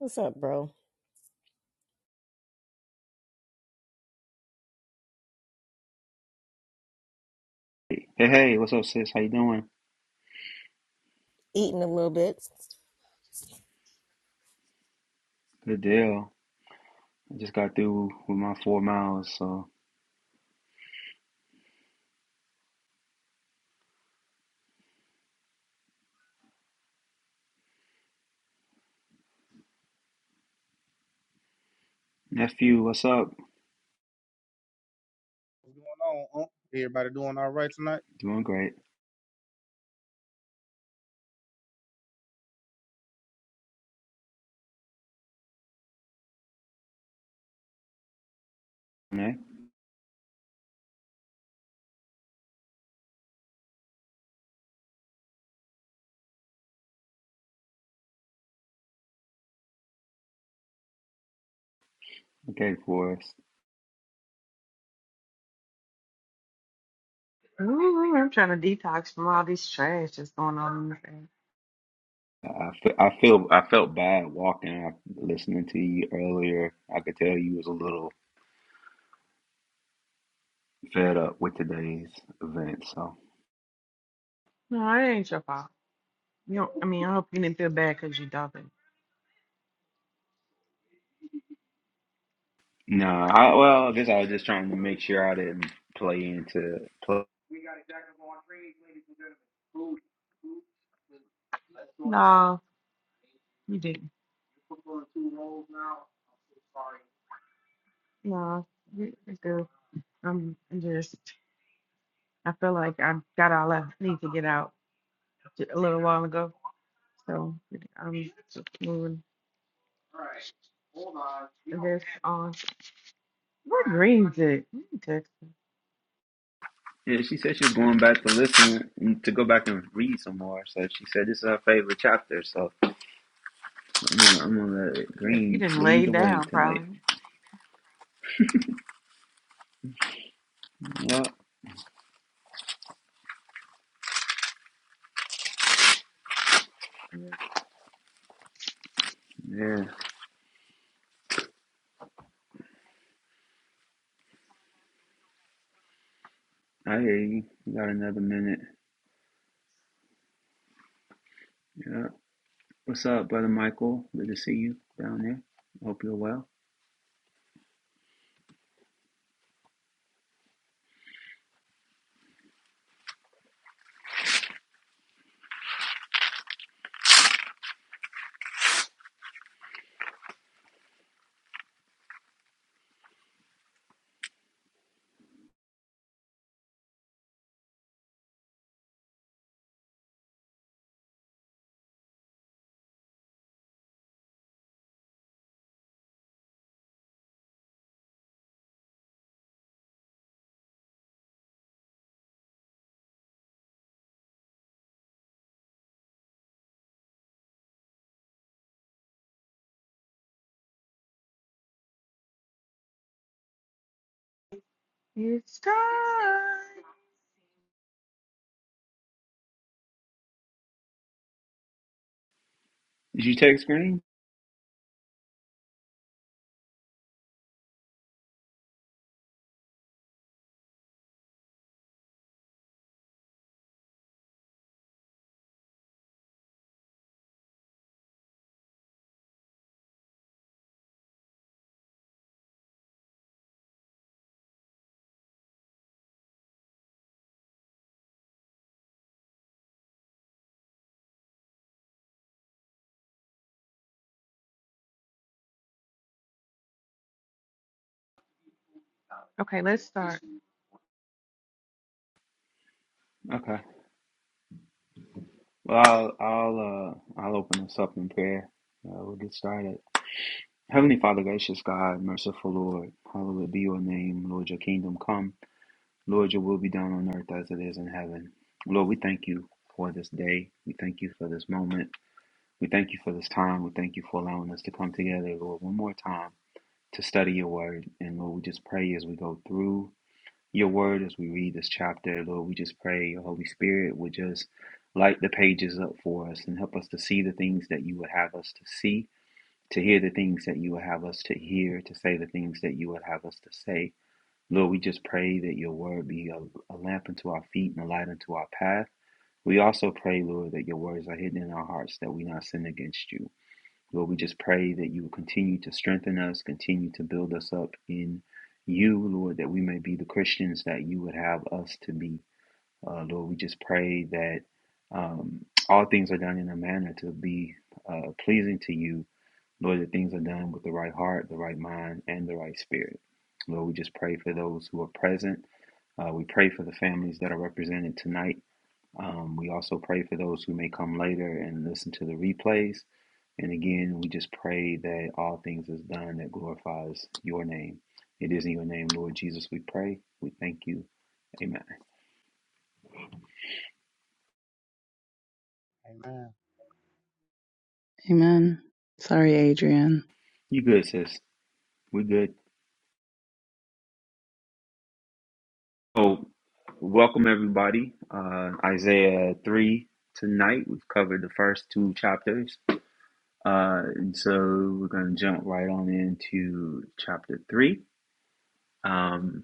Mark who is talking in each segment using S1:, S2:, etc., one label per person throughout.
S1: What's up, bro?
S2: Hey, hey, hey, what's up, sis? How you doing?
S1: Eating a little bit.
S2: Good deal. I just got through with my four miles. So, nephew, what's up?
S3: What's going on? Unc? Everybody doing all right tonight?
S2: Doing great. Okay, okay, Forrest.
S4: Ooh, I'm trying to detox from all this trash that's going on in the family.
S2: I I I feel I felt bad walking. I, listening to you earlier, I could tell you was a little fed up with today's event. So,
S4: No, it ain't your fault. You don't, I mean, I hope you didn't feel bad because you dumping.
S2: no, I well, I guess I was just trying to make sure I didn't play into. Play.
S4: No, you didn't. No, you- it's good. I'm I'm just, I feel like I got all I need to get out j- a little while ago. So I'm just moving this on. What greens it? Let me text
S2: Yeah, she said she was going back to listen to go back and read some more. So she said this is her favorite chapter. So. I'm gonna, I'm gonna let it
S4: Yeah, she
S2: green
S4: didn't
S2: lead
S4: lay
S2: the way
S4: down,
S2: tonight.
S4: probably.
S2: Well,
S4: Yeah,
S2: yeah, I hear you. We got another minute. Yeah. What's up, brother Michael? Good to see you down there. Hope you're well.
S4: It's time.
S2: Did you text green?
S4: Okay, let's start.
S2: Okay. Well, I'll I'll uh I'll open us up in prayer. Uh, we'll get started. Heavenly Father, gracious God, merciful Lord, hallowed be your name. Lord, your kingdom come. Lord, your will be done on earth as it is in heaven. Lord, we thank you for this day. We thank you for this moment. We thank you for this time. We thank you for allowing us to come together, Lord, one more time to study your word. And Lord, we just pray as we go through your word, as we read this chapter, Lord, we just pray your Holy Spirit would just light the pages up for us and help us to see the things that you would have us to see, to hear the things that you would have us to hear, to say the things that you would have us to say. Lord, we just pray that your word be a, a lamp unto our feet and a light unto our path. We also pray, Lord, that your words are hidden in our hearts that we not sin against you. Lord, we just pray that you will continue to strengthen us, continue to build us up in you, Lord, that we may be the Christians that you would have us to be. Uh, Lord, we just pray that um, all things are done in a manner to be uh, pleasing to you. Lord, that things are done with the right heart, the right mind, and the right spirit. Lord, we just pray for those who are present. Uh, we pray for the families that are represented tonight. Um, we also pray for those who may come later and listen to the replays. And again, we just pray that all things is done that glorifies your name. It is in your name, Lord Jesus, we pray. We thank you. Amen.
S3: Amen.
S5: Amen. Sorry, Adrian.
S2: You good, sis. We good. Oh, welcome everybody. Uh, Isaiah 3 tonight. We've covered the first two chapters. Uh, and so we're going to jump right on into chapter 3. Um,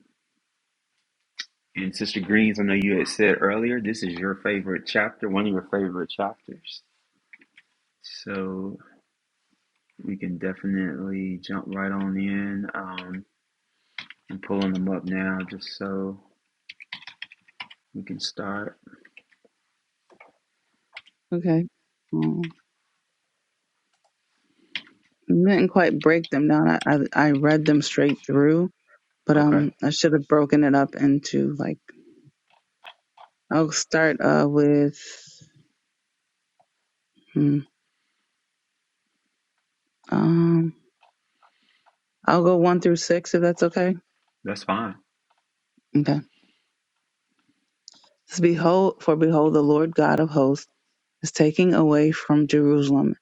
S2: and Sister Greens, I know you had said earlier, this is your favorite chapter, one of your favorite chapters. So We can definitely jump right on in. Um, I'm pulling them up now just so we can start.
S5: Okay. Um, I didn't quite break them down. I, I I read them straight through, but
S2: Okay,
S5: um, I should have broken it up into like I'll start uh with hmm, um I'll go one through six if that's okay.
S2: that's fine.
S5: Okay. It's behold, for behold, the Lord God of hosts is taking away from Jerusalem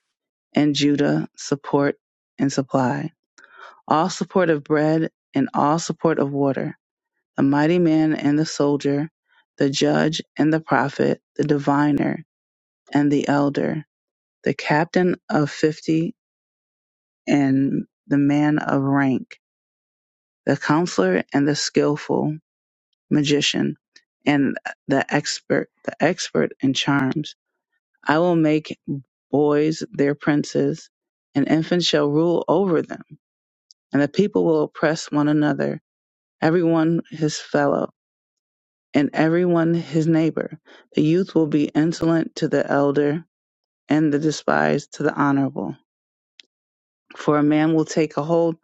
S5: and Judah support and supply, all support of bread and all support of water The mighty man and the soldier, the judge and the prophet, the diviner and the elder, the captain of fifty and the man of rank, the counselor and the skillful magician, and the expert, the expert in charms. I will make boys their princes, and infants shall rule over them, and the people will oppress one another, every one his fellow and everyone his neighbor. The youth will be insolent to the elder, and the despised to the honorable. For a man will take a hold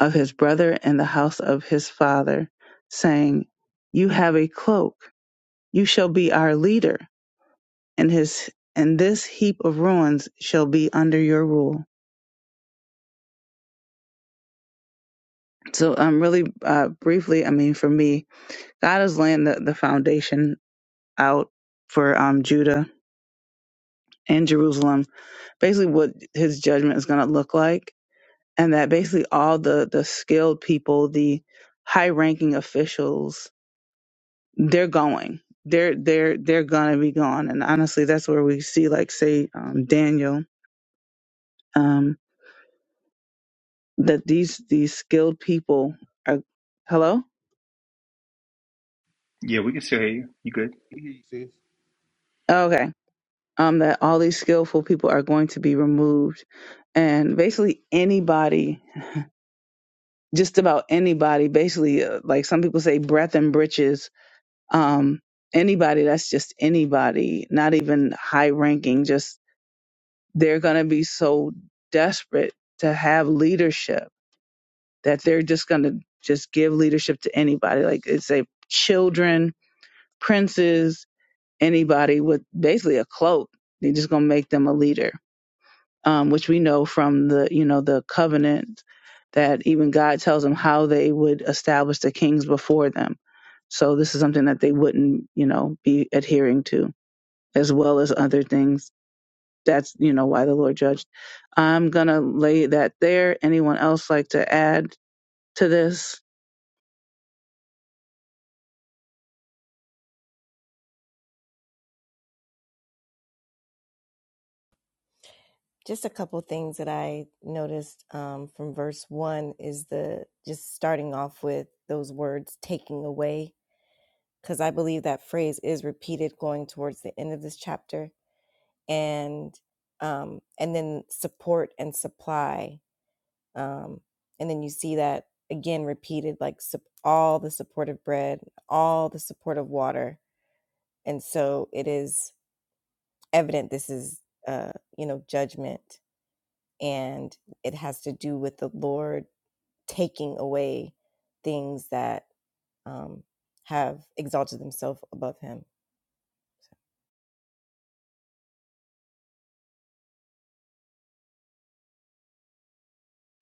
S5: of his brother in the house of his father, saying, You have a cloak, you shall be our leader, and his and this heap of ruins shall be under your rule. So, um, really uh, briefly, I mean, for me, God is laying the, the foundation out for um, Judah and Jerusalem, basically what his judgment is going to look like and that basically all the the skilled people the high ranking officials they're going they're they're they're gonna be gone and honestly that's where we see like say um, daniel um that these these skilled people are hello
S2: Yeah, we can still hear you. You good?
S3: We hear you, sis.
S5: okay um that all these skillful people are going to be removed and basically anybody just about anybody basically uh, like some people say breath and breeches um, anybody that's just anybody, not even high ranking, just they're going to be so desperate to have leadership that they're just going to just give leadership to anybody. Like it's a children, princes, anybody with basically a cloak. They're just going to make them a leader, um, which we know from the, you know, the covenant that even God tells them how they would establish the kings before them. So this is something that they wouldn't, you know, be adhering to. as well as other things. That's, you know, why the Lord judged. I'm going to lay that there. Anyone else like to add to this?
S1: Just a couple things that I noticed um, from verse one is the just starting off with those words taking away, because I believe that phrase is repeated going towards the end of this chapter, and um, and then support and supply, um, and then you see that again repeated like sup- all the support of bread, all the support of water, and so it is evident this is uh, you know judgment and it has to do with the Lord taking away things that um, have exalted themselves above Him. So.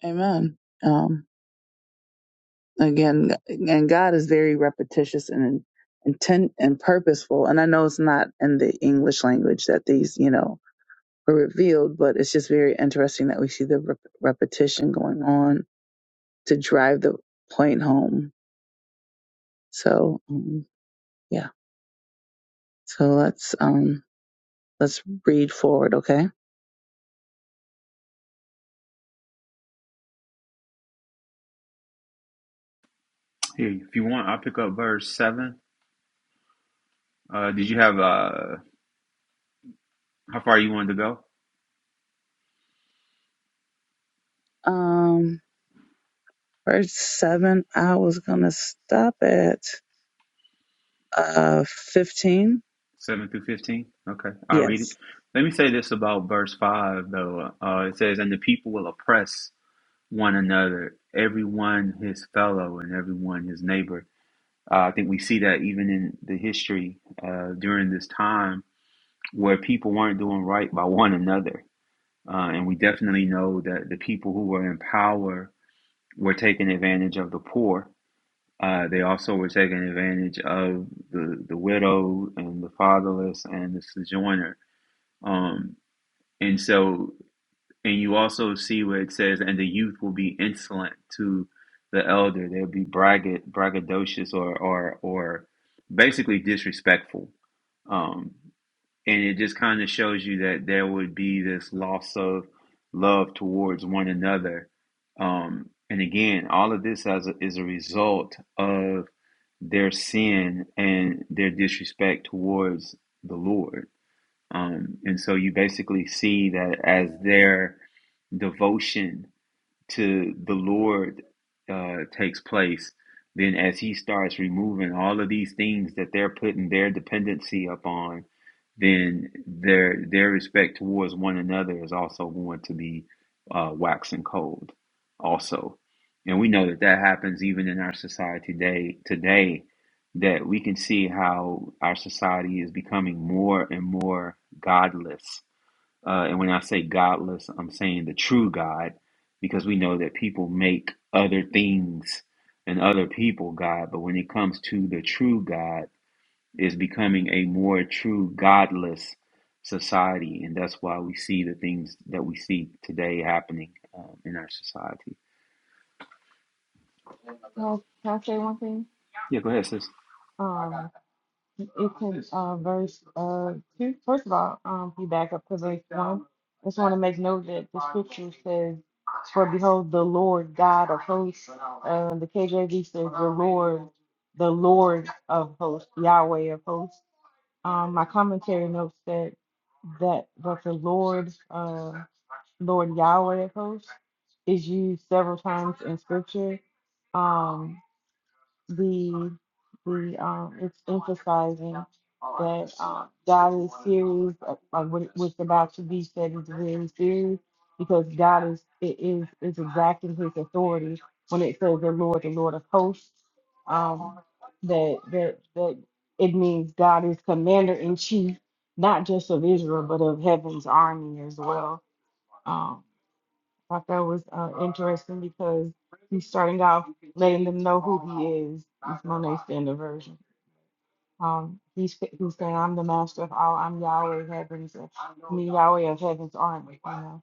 S5: Amen. Um, again, and God is very repetitious and intent and purposeful. And I know it's not in the English language that these, you know, are revealed, but it's just very interesting that we see the rep- repetition going on to drive the point home. So, um, yeah. So let's, um, let's read forward. Okay.
S2: Hear you. If you want, I'll pick up verse 7. Uh, did you have, uh, how far you wanted to go?
S5: Um, verse seven, I was gonna stop at uh fifteen.
S2: 7 through 15? Okay, I'll read it.
S5: Yes.
S2: Let me say this about verse 5, though. Uh, it says, And the people will oppress one another, everyone his fellow, and everyone his neighbor. Uh, I think we see that even in the history uh, during this time where people weren't doing right by one another. Uh, and we definitely know that the people who were in power were taking advantage of the poor. Uh, they also were taking advantage of the, the widow and the fatherless and the sojourner. Um, and so and you also see where it says, and the youth will be insolent to the elder. They'll be bragga- braggadocious or, or, or basically disrespectful. Um, and it just kind of shows you that there would be this loss of love towards one another. Um, and again, all of this as a, is a result of their sin and their disrespect towards the Lord. Um, and so you basically see that as their devotion to the Lord uh, takes place, then as He starts removing all of these things that they're putting their dependency upon, then their their respect towards one another is also going to be uh, waxing cold, also. And we know that that happens even in our society today. Today, that we can see how our society is becoming more and more godless. Uh, and when I say godless, I'm saying the true God, because we know that people make other things and other people God. But when it comes to the true God is becoming a more true godless society, and that's why we see the things that we see today happening um, in our society.
S4: No, can I say one thing?
S2: Yeah, go ahead, sis.
S4: Um, it can, uh, verse, uh, two. First of all, um, if you back up to verse one. I just want to make note that the scripture says, For behold, the Lord God of hosts, uh, the KJV says, the Lord, the Lord of hosts, Yahweh of hosts. Um, my commentary notes that, that, that the Lord, uh, Lord Yahweh of hosts is used several times in scripture. Um, the the um it's emphasizing that um, God is serious uh, uh, what what's about to be said is very serious because God is it is is exacting His authority when it says the Lord, the Lord of hosts. Um, that that that it means God is commander in chief, not just of Israel but of heaven's army as well. Um, I thought that was uh, interesting because He's starting off letting them know who he is. It's Monet Standard Version. Um, he's he's saying, "I'm the master of all. I'm Yahweh of heavens, and me Yahweh of heavens army. You know,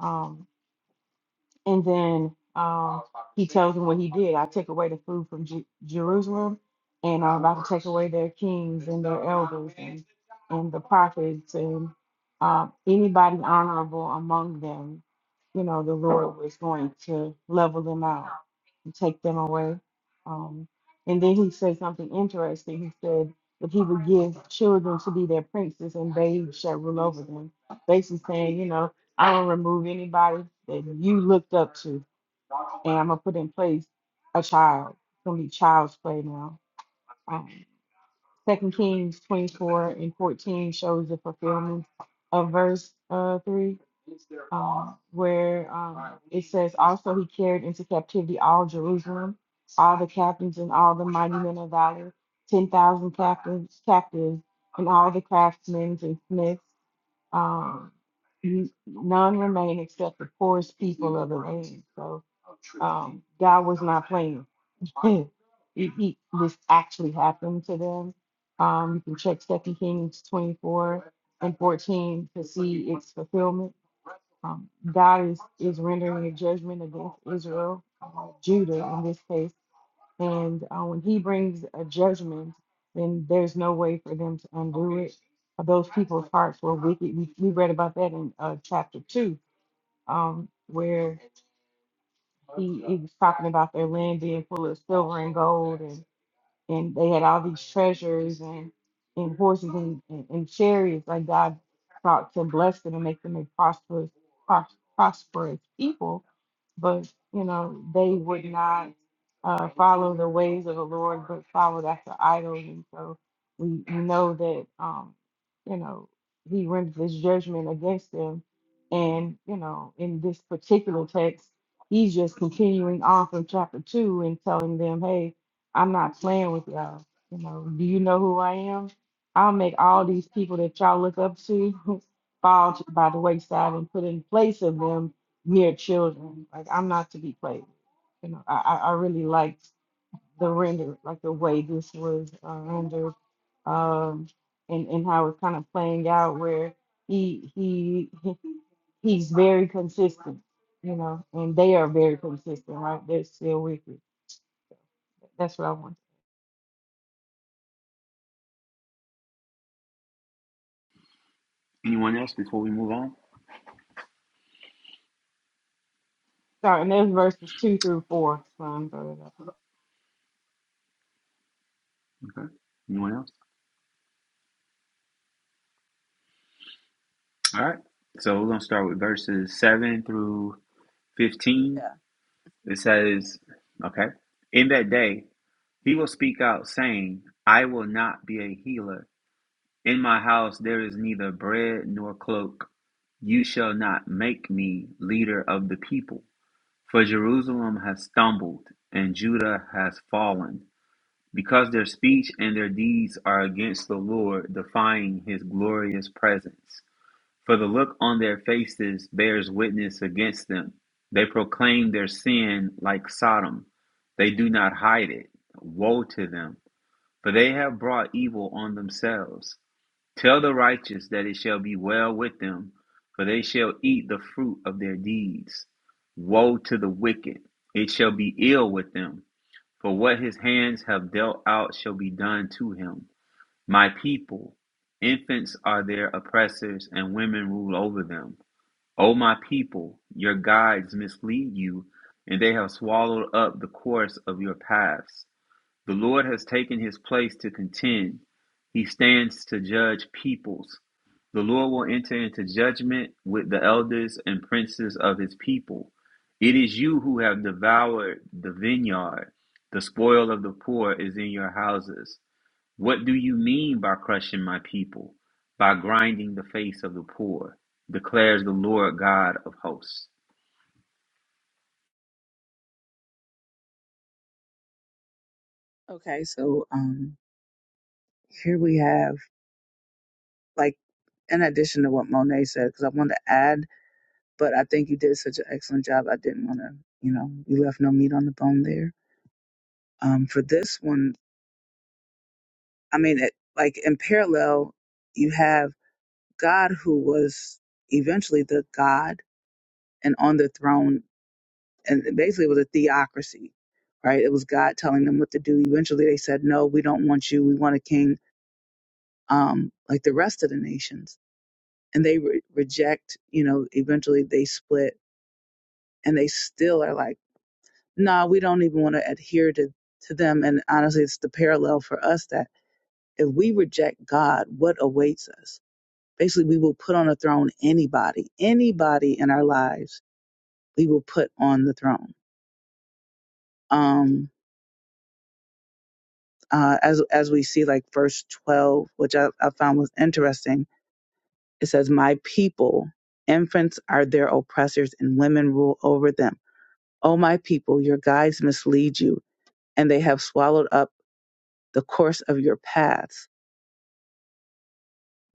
S4: um, and then um, he tells them what he did. I take away the food from Ju- Jerusalem, and I'm about to take away their kings and their elders and, and the prophets and uh, anybody honorable among them. You know, the Lord was going to level them out and take them away. Um, and then he said something interesting. He said that he would give children to be their princes, and babes shall rule over them. Basically saying, you know, I don't remove anybody that you looked up to, and I'm gonna put in place a child. It's gonna be child's play now. Um, Second Kings 24 and 14 shows the fulfillment of verse uh, three, um, where um, it says, "Also he carried into captivity all Jerusalem, all the captains and all the mighty men of valor, ten thousand captains, captives, and all the craftsmen and smiths." Um, you, none remain except the poorest people of the land. So um, God was not playing. it, it, this actually happened to them. Um, you can check Second Kings 24 and 14 to see its fulfillment. Um, God is, is rendering a judgment against Israel, uh, Judah in this case and uh, when he brings a judgment, then there's no way for them to undo it. Uh, Those people's hearts were wicked. We, we read about that in uh, chapter 2, um, where he, he was talking about their land being full of silver and gold, and, and they had all these treasures and, and horses and, and, and chariots. Like God sought to bless them and make them a prosperous, pros- prosperous people but you know they would not uh, follow the ways of the Lord, but followed after idols, and so we, we know that um, you know He renders His judgment against them, and you know in this particular text, He's just continuing on from chapter two and telling them, "Hey, I'm not playing with y'all. You know, do you know who I am? I'll make all these people that y'all look up to." fall to- by the wayside and put in place of them mere children. Like I'm not to be played. You know, I, I I really liked the render, like the way this was uh, rendered, um, and and how it's kind of playing out where he he he's very consistent, you know, and they are very consistent, right? They're still wicked. That's what I want.
S2: Anyone else before we move on?
S4: Sorry, and there's verses two through four. So I'm throwing it up.
S2: Okay. Anyone else? All right. So we're gonna start with verses seven through fifteen.
S5: Yeah.
S2: It says, "Okay, in that day he will speak out, saying, I will not be a healer. In my house there is neither bread nor cloak. You shall not make me leader of the people." For Jerusalem has stumbled, and Judah has fallen, because their speech and their deeds are against the Lord, defying his glorious presence. For the look on their faces bears witness against them. They proclaim their sin like Sodom. They do not hide it. Woe to them, for they have brought evil on themselves. Tell the righteous that it shall be well with them, for they shall eat the fruit of their deeds. Woe to the wicked, it shall be ill with them, for what his hands have dealt out shall be done to him. My people, infants are their oppressors, and women rule over them. O my people, your guides mislead you, and they have swallowed up the course of your paths. The Lord has taken his place to contend. He stands to judge peoples. The Lord will enter into judgment with the elders and princes of his people. It is you who have devoured the vineyard. The spoil of the poor is in your houses. What do you mean by crushing my people? By grinding the face of the poor, declares the Lord God of hosts.
S5: Okay. So um, here we have like in addition to what Monet said, because I wanted to add, but I think you did such an excellent job. I didn't want to, you know, you left no meat on the bone there. Um, for this one, I mean, it, like in parallel, you have God who was eventually the God and on the throne and basically, it was a theocracy, right? It was God telling them what to do. Eventually, they said, "No, we don't want you. We want a king um, like the rest of the nations." And they re- reject. You know, eventually they split, and they still are like, "No, we don't even want to adhere to to them." And honestly, it's the parallel for us that if we reject God, what awaits us? Basically, we will put on a throne anybody, anybody in our lives. We will put on the throne. Um, uh, as as we see like verse 12 which I, I found was interesting it says my people infants are their oppressors and women rule over them oh my people your guides mislead you and they have swallowed up the course of your paths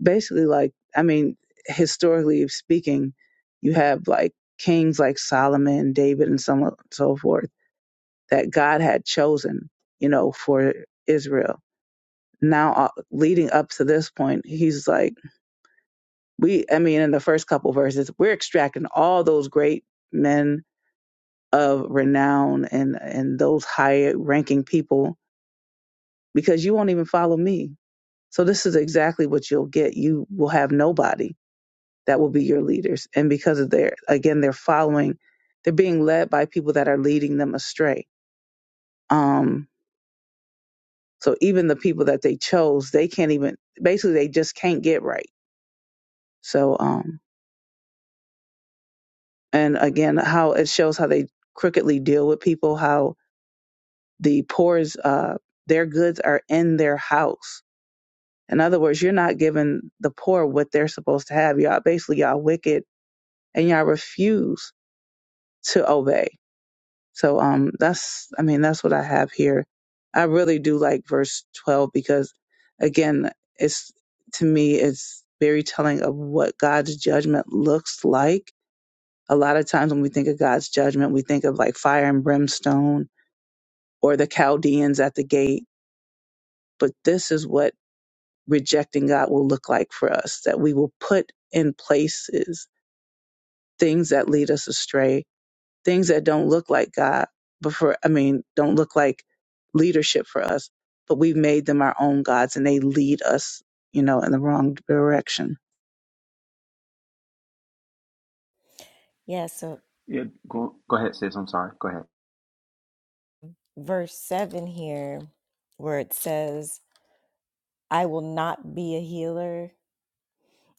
S5: basically like i mean historically speaking you have like kings like solomon david and so on and so forth that god had chosen you know for israel now uh, leading up to this point he's like we i mean in the first couple verses we're extracting all those great men of renown and and those high ranking people because you won't even follow me so this is exactly what you'll get you will have nobody that will be your leaders and because of their again they're following they're being led by people that are leading them astray um so even the people that they chose they can't even basically they just can't get right so um and again how it shows how they crookedly deal with people how the poor's uh, their goods are in their house. In other words, you're not giving the poor what they're supposed to have. Y'all basically y'all wicked and y'all refuse to obey. So um that's I mean that's what I have here. I really do like verse 12 because again it's to me it's very telling of what God's judgment looks like. A lot of times when we think of God's judgment, we think of like fire and brimstone or the Chaldeans at the gate, but this is what rejecting God will look like for us, that we will put in places things that lead us astray, things that don't look like God, but for, I mean, don't look like leadership for us, but we've made them our own gods and they lead us, you know, in the wrong direction.
S1: Yeah, so
S2: Yeah, go, go ahead, sis. I'm sorry. Go ahead.
S1: verse 7 here, where it says, I will not be a healer.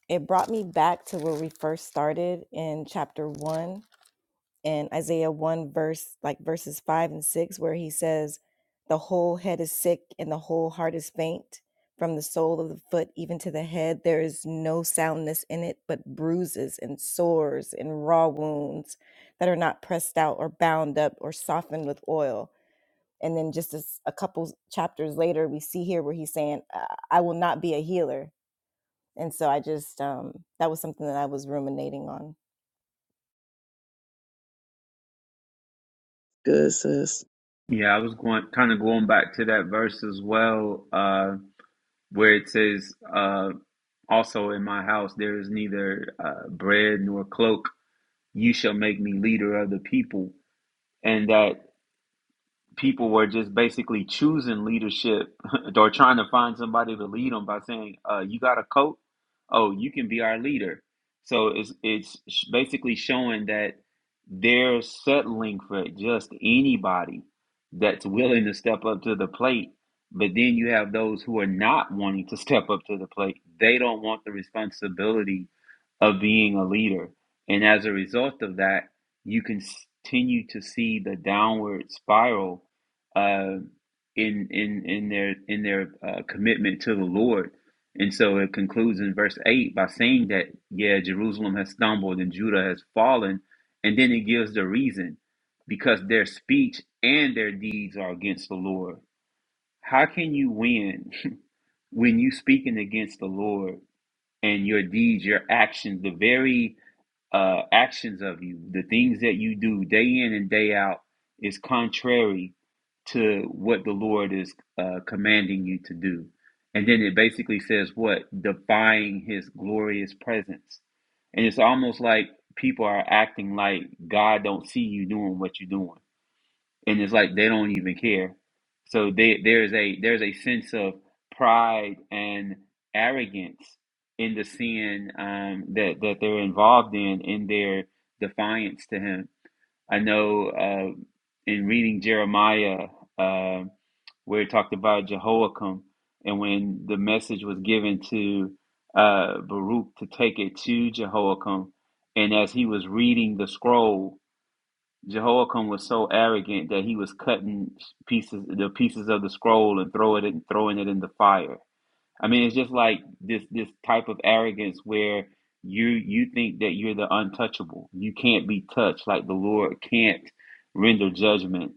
S1: It brought me back to where we first started in chapter 1 in Isaiah 1 verse like verses 5 and 6 where he says the whole head is sick and the whole heart is faint from the sole of the foot even to the head there is no soundness in it but bruises and sores and raw wounds that are not pressed out or bound up or softened with oil and then just as a couple chapters later we see here where he's saying i I will not be a healer and so i just um that was something that i was ruminating on
S5: Good, sis.
S2: Yeah, I was going kind of going back to that verse as well, uh, where it says, uh, "Also in my house there is neither uh, bread nor cloak. You shall make me leader of the people." And that people were just basically choosing leadership or trying to find somebody to lead them by saying, uh, "You got a coat? Oh, you can be our leader." So it's it's sh- basically showing that they're settling for just anybody that's willing to step up to the plate. But then you have those who are not wanting to step up to the plate. They don't want the responsibility of being a leader. And as a result of that, you can continue to see the downward spiral uh, in in in their in their uh, commitment to the Lord. And so it concludes in verse eight by saying that yeah, Jerusalem has stumbled and Judah has fallen, and then it gives the reason because their speech and their deeds are against the Lord. How can you win when you speaking against the Lord and your deeds, your actions, the very uh, actions of you, the things that you do day in and day out, is contrary to what the Lord is uh, commanding you to do. And then it basically says what? Defying his glorious presence. And it's almost like people are acting like God don't see you doing what you're doing and it's like they don't even care. So they, there's a there's a sense of pride and arrogance in the sin um, that that they're involved in in their defiance to him. I know uh, in reading Jeremiah uh, where it talked about Jehoiakim and when the message was given to uh, Baruch to take it to Jehoiakim, and as he was reading the scroll. Jehoiakim was so arrogant that he was cutting pieces, the pieces of the scroll, and throw it in, throwing it in the fire. I mean, it's just like this this type of arrogance where you you think that you're the untouchable, you can't be touched, like the Lord can't render judgment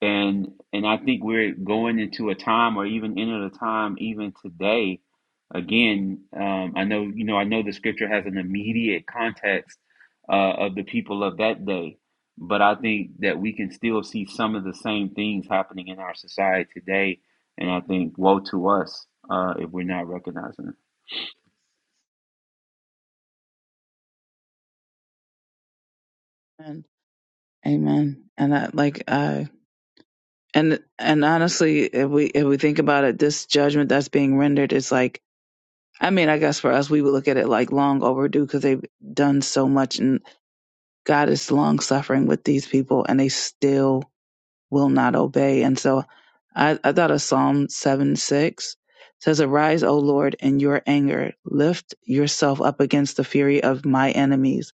S2: and and I think we're going into a time, or even into a time, even today. Again, um, I know you know I know the scripture has an immediate context uh, of the people of that day, but I think that we can still see some of the same things happening in our society today, and I think woe to us uh, if we're not recognizing it.
S5: Amen. Amen. And I, like, uh, and and honestly, if we if we think about it, this judgment that's being rendered is like, I mean, I guess for us, we would look at it like long overdue because they've done so much, and God is long suffering with these people, and they still will not obey. And so I, I thought of Psalm 7 6 says, Arise, O Lord, in your anger. Lift yourself up against the fury of my enemies.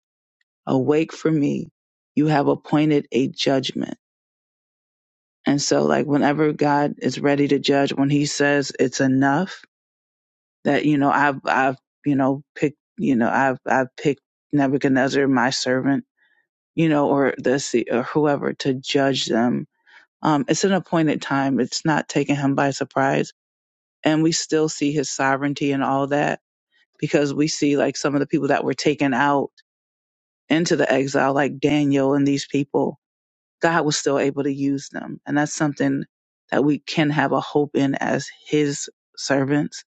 S5: Awake for me. You have appointed a judgment. And so, like, whenever God is ready to judge, when he says it's enough, that, you know, I've, I've, you know, picked, you know, I've, I've picked Nebuchadnezzar, my servant, you know, or the, or whoever to judge them Um, it's an appointed time. It's not taking him by surprise. And we still see his sovereignty and all that because we see like some of the people that were taken out into the exile, like Daniel and these people, God was still able to use them. And that's something that we can have a hope in as his servants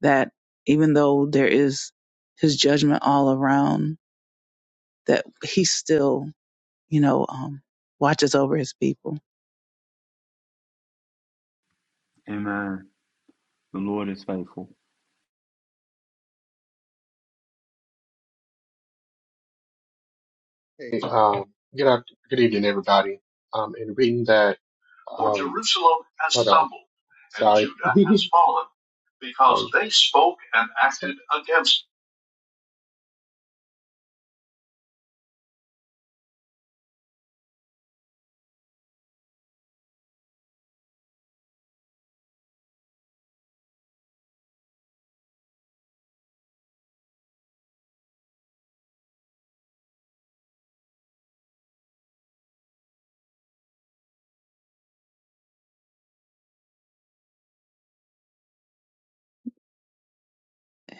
S5: that even though there is his judgment all around, that he still, you know, um, watches over his people.
S2: Amen. The Lord is faithful.
S6: Hey, um, good, out, good evening, everybody. Um, in reading that, um, For Jerusalem has hold on. stumbled, and Sorry. Judah has fallen, because Um, they spoke and acted against.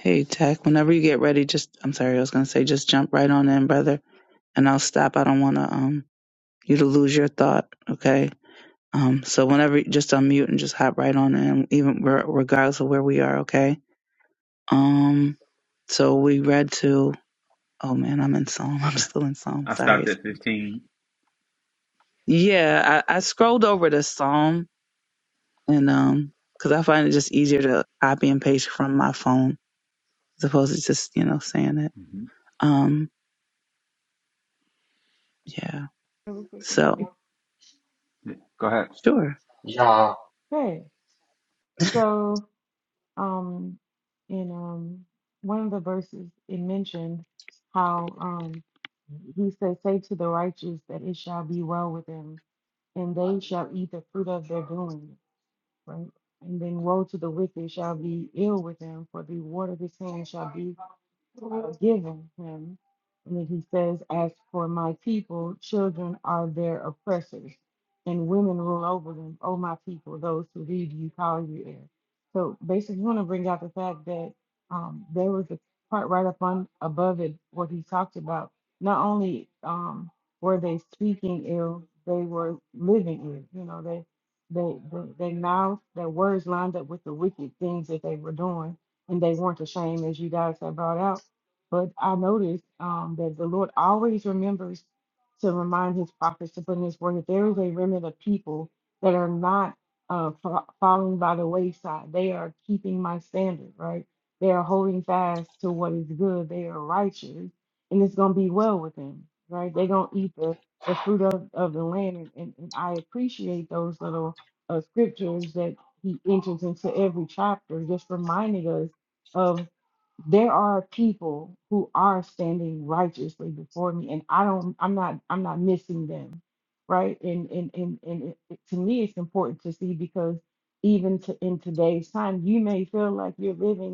S5: Hey, Tech, whenever you get ready, just, I'm sorry, I was going to say, just jump right on in, brother, and I'll stop. I don't want to, um, you to lose your thought, okay? Um, so whenever, you- just unmute and just hop right on in, even re- regardless of where we are, okay? Um, so we read to, oh man, I'm in Psalm. I'm still in Psalm.
S2: I
S5: Sorry,
S2: stopped
S5: sorry.
S2: at 15
S5: Yeah, I, I scrolled over the Psalm and um, cause I find it just easier to copy and paste from my phone as opposed to just you know saying it.
S2: Mm-hmm.
S5: Um, yeah.
S4: Really
S5: So
S4: Yeah.
S2: Go ahead.
S5: sure.
S6: Yeah,
S4: Okay, so. um in um one of the verses it mentioned how um he said say to the righteous that it shall be well with them and they shall eat the fruit of their doing right? And then woe to the wicked shall be ill with him, for the reward of his hand shall be uh, given him. And then he says, As for my people, children are their oppressors, and women rule over them. O my people, those who lead you call you heir. So basically, you want to bring out the fact that um, there was a part right up on above it what he talked about. Not only um, were they speaking ill, they were living ill. You know, they. They, they, their mouth, their words lined up with the wicked things that they were doing, and they weren't ashamed, as you guys have brought out. But I noticed um, that the Lord always remembers to remind His prophets to put in His word that there is a remnant of people that are not uh, fa- falling by the wayside. They are keeping my standard, right? They are holding fast to what is good. They are righteous, and it's going to be well with them, right? They're going to eat the the fruit of, of the land. And, and, and I appreciate those little uh, scriptures that he enters into every chapter, just reminding us of there are people who are standing righteously before me, and I don't, I'm not, I'm not missing them, right? And and and and it, it- to me, it's important to see because even to, in today's time, you may feel like you're living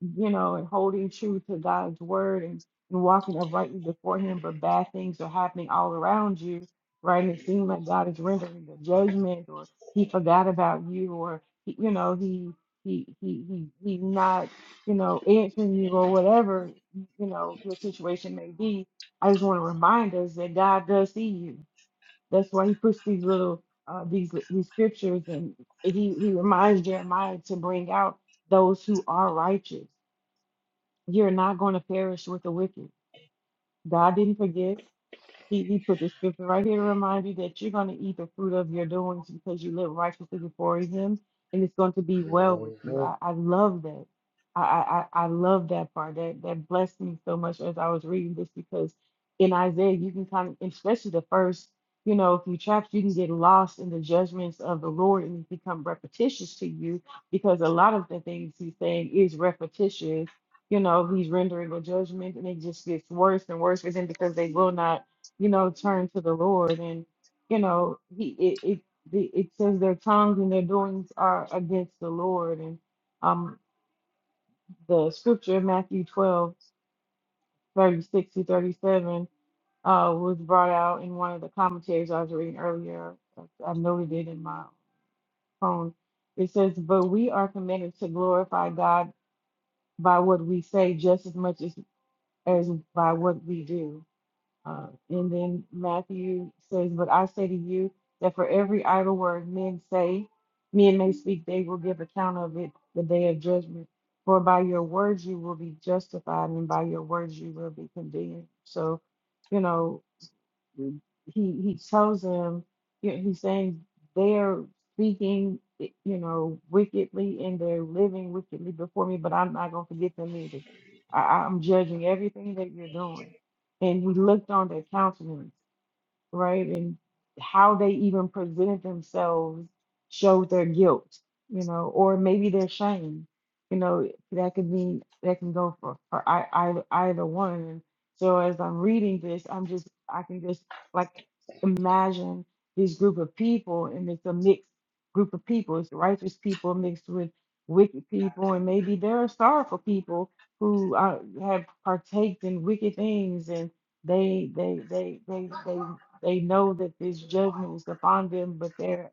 S4: you know, and holding true to God's word and, and walking uprightly before Him, but bad things are happening all around you, right? It seems like God is rendering the judgment, or He forgot about you, or he, you know, He He He He He's not, you know, answering you or whatever, you know, your situation may be. I just want to remind us that God does see you. That's why He puts these little uh, these these scriptures, and He He reminds Jeremiah to bring out those who are righteous you're not going to perish with the wicked. God didn't forget. He, he put the scripture right here to remind you that you're going to eat the fruit of your doings because you live righteously before Him, and it's going to be well with you.
S6: Mhm,
S4: I, I love that. I, I, I I love that part. That that blessed me so much as I was reading this because in Isaiah you can kind of, especially the first, you know, if you trapped, you can get lost in the judgments of the Lord and it become repetitious to you because a lot of the things He's saying is repetition. You know, He's rendering a judgment, and it just gets worse and worse for them because they will not you know, turn to the Lord. And, you know, he it it, the- it says their tongues and their doings are against the Lord. And um the scripture in Matthew 12 36 to 37 uh was brought out in one of the commentaries I was reading earlier. I noted it in my phone. It says, But we are commanded to glorify God by what we say just as much as, as by what we do. Uh, and then Matthew says, But I say to you that for every idle word men say, men may speak, they will give account of it the day of judgment. For by your words you will be justified, and by your words you will be condemned. So, you know, he he chose him. You know, he's saying they're speaking, i- you know, wickedly and they're living wickedly before me, but I'm not gonna forget them either. I, I'm judging everything that you're doing. And he looked on their countenance right? And how they even presented themselves showed their guilt, you know, or maybe their shame. You know, that could mean that can go for, for I, I, either one. And so as I'm reading this, I'm just, I can just like imagine this group of people, and it's a mixed group of people. It's righteous people mixed with wicked people, and maybe there are sorrowful people who uh, have partaked in wicked things and they they they they they they know that this judgment is upon them, but they're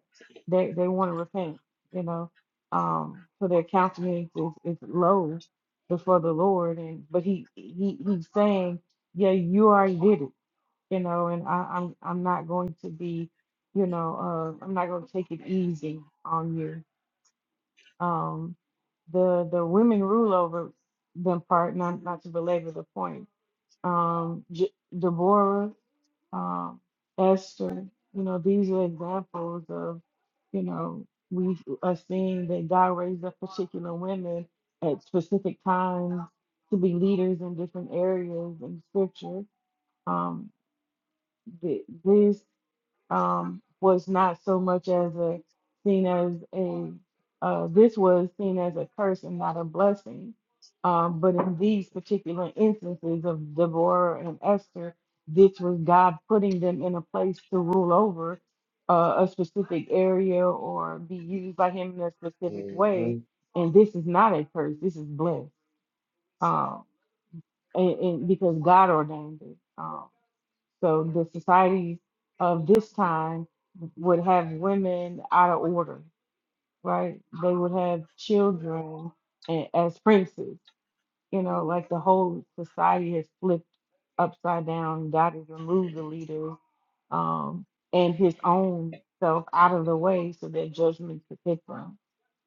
S4: they they want to repent, you know. Um, so their countenance is, is low before the Lord, and but he he he's saying, yeah, you already did it, you know, and I, I'm I'm not going to be, you know, uh, I'm not going to take it easy on you. Um, the the women rule over them part, not not to belabor the point. Um, J- Deborah um, Esther. You know, these are examples of, you know, we are seeing that God raised up particular women at specific times to be leaders in different areas in Scripture. Um, th- these um, was not so much as a seen as a uh, this was seen as a curse and not a blessing. Um, but in these particular instances of Deborah and Esther, this was God putting them in a place to rule over uh, a specific area or be used by Him in a specific way.
S6: mhm.
S4: And this is not a curse. This is blessed, um, and, and because God ordained it. um, so the society of this time would have women out of order, right? They would have children a- as princes. You know, like the whole society has flipped upside down. God has removed the leaders um, and his own self out of the way so that judgment could hit them.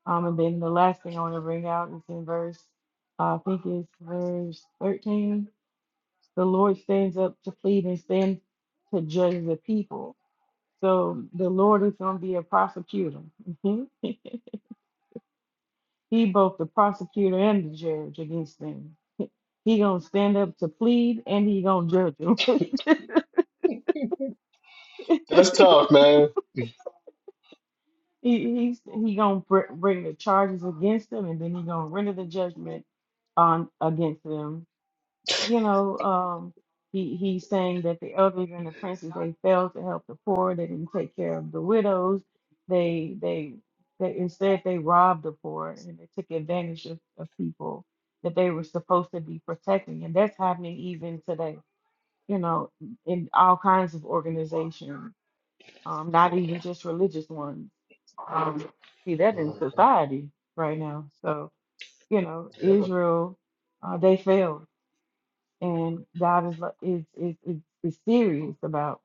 S4: Um, and then the last thing I want to bring out is in verse, uh, I think it's verse 13 the Lord stands up to plead and stand to judge the people. So the Lord is going to be a prosecutor. he both the prosecutor and the judge against them. He gonna stand up to plead and he gonna judge them. he
S6: that's tough, man.
S4: he's he gonna br- bring the charges against them and then he gonna render the judgment on against them you know, um, he he's saying that the elders and the princes they failed to help the poor. They didn't take care of the widows. They they they instead they robbed the poor and they took advantage of, of people that they were supposed to be protecting, and that's happening even today. You know, in all kinds of organizations, um, not even just religious ones. Um, see that in
S6: Mm-hmm.
S4: society right now. So you know,
S6: Yeah,
S4: Israel, uh, they failed and God is lo- is is is, is serious about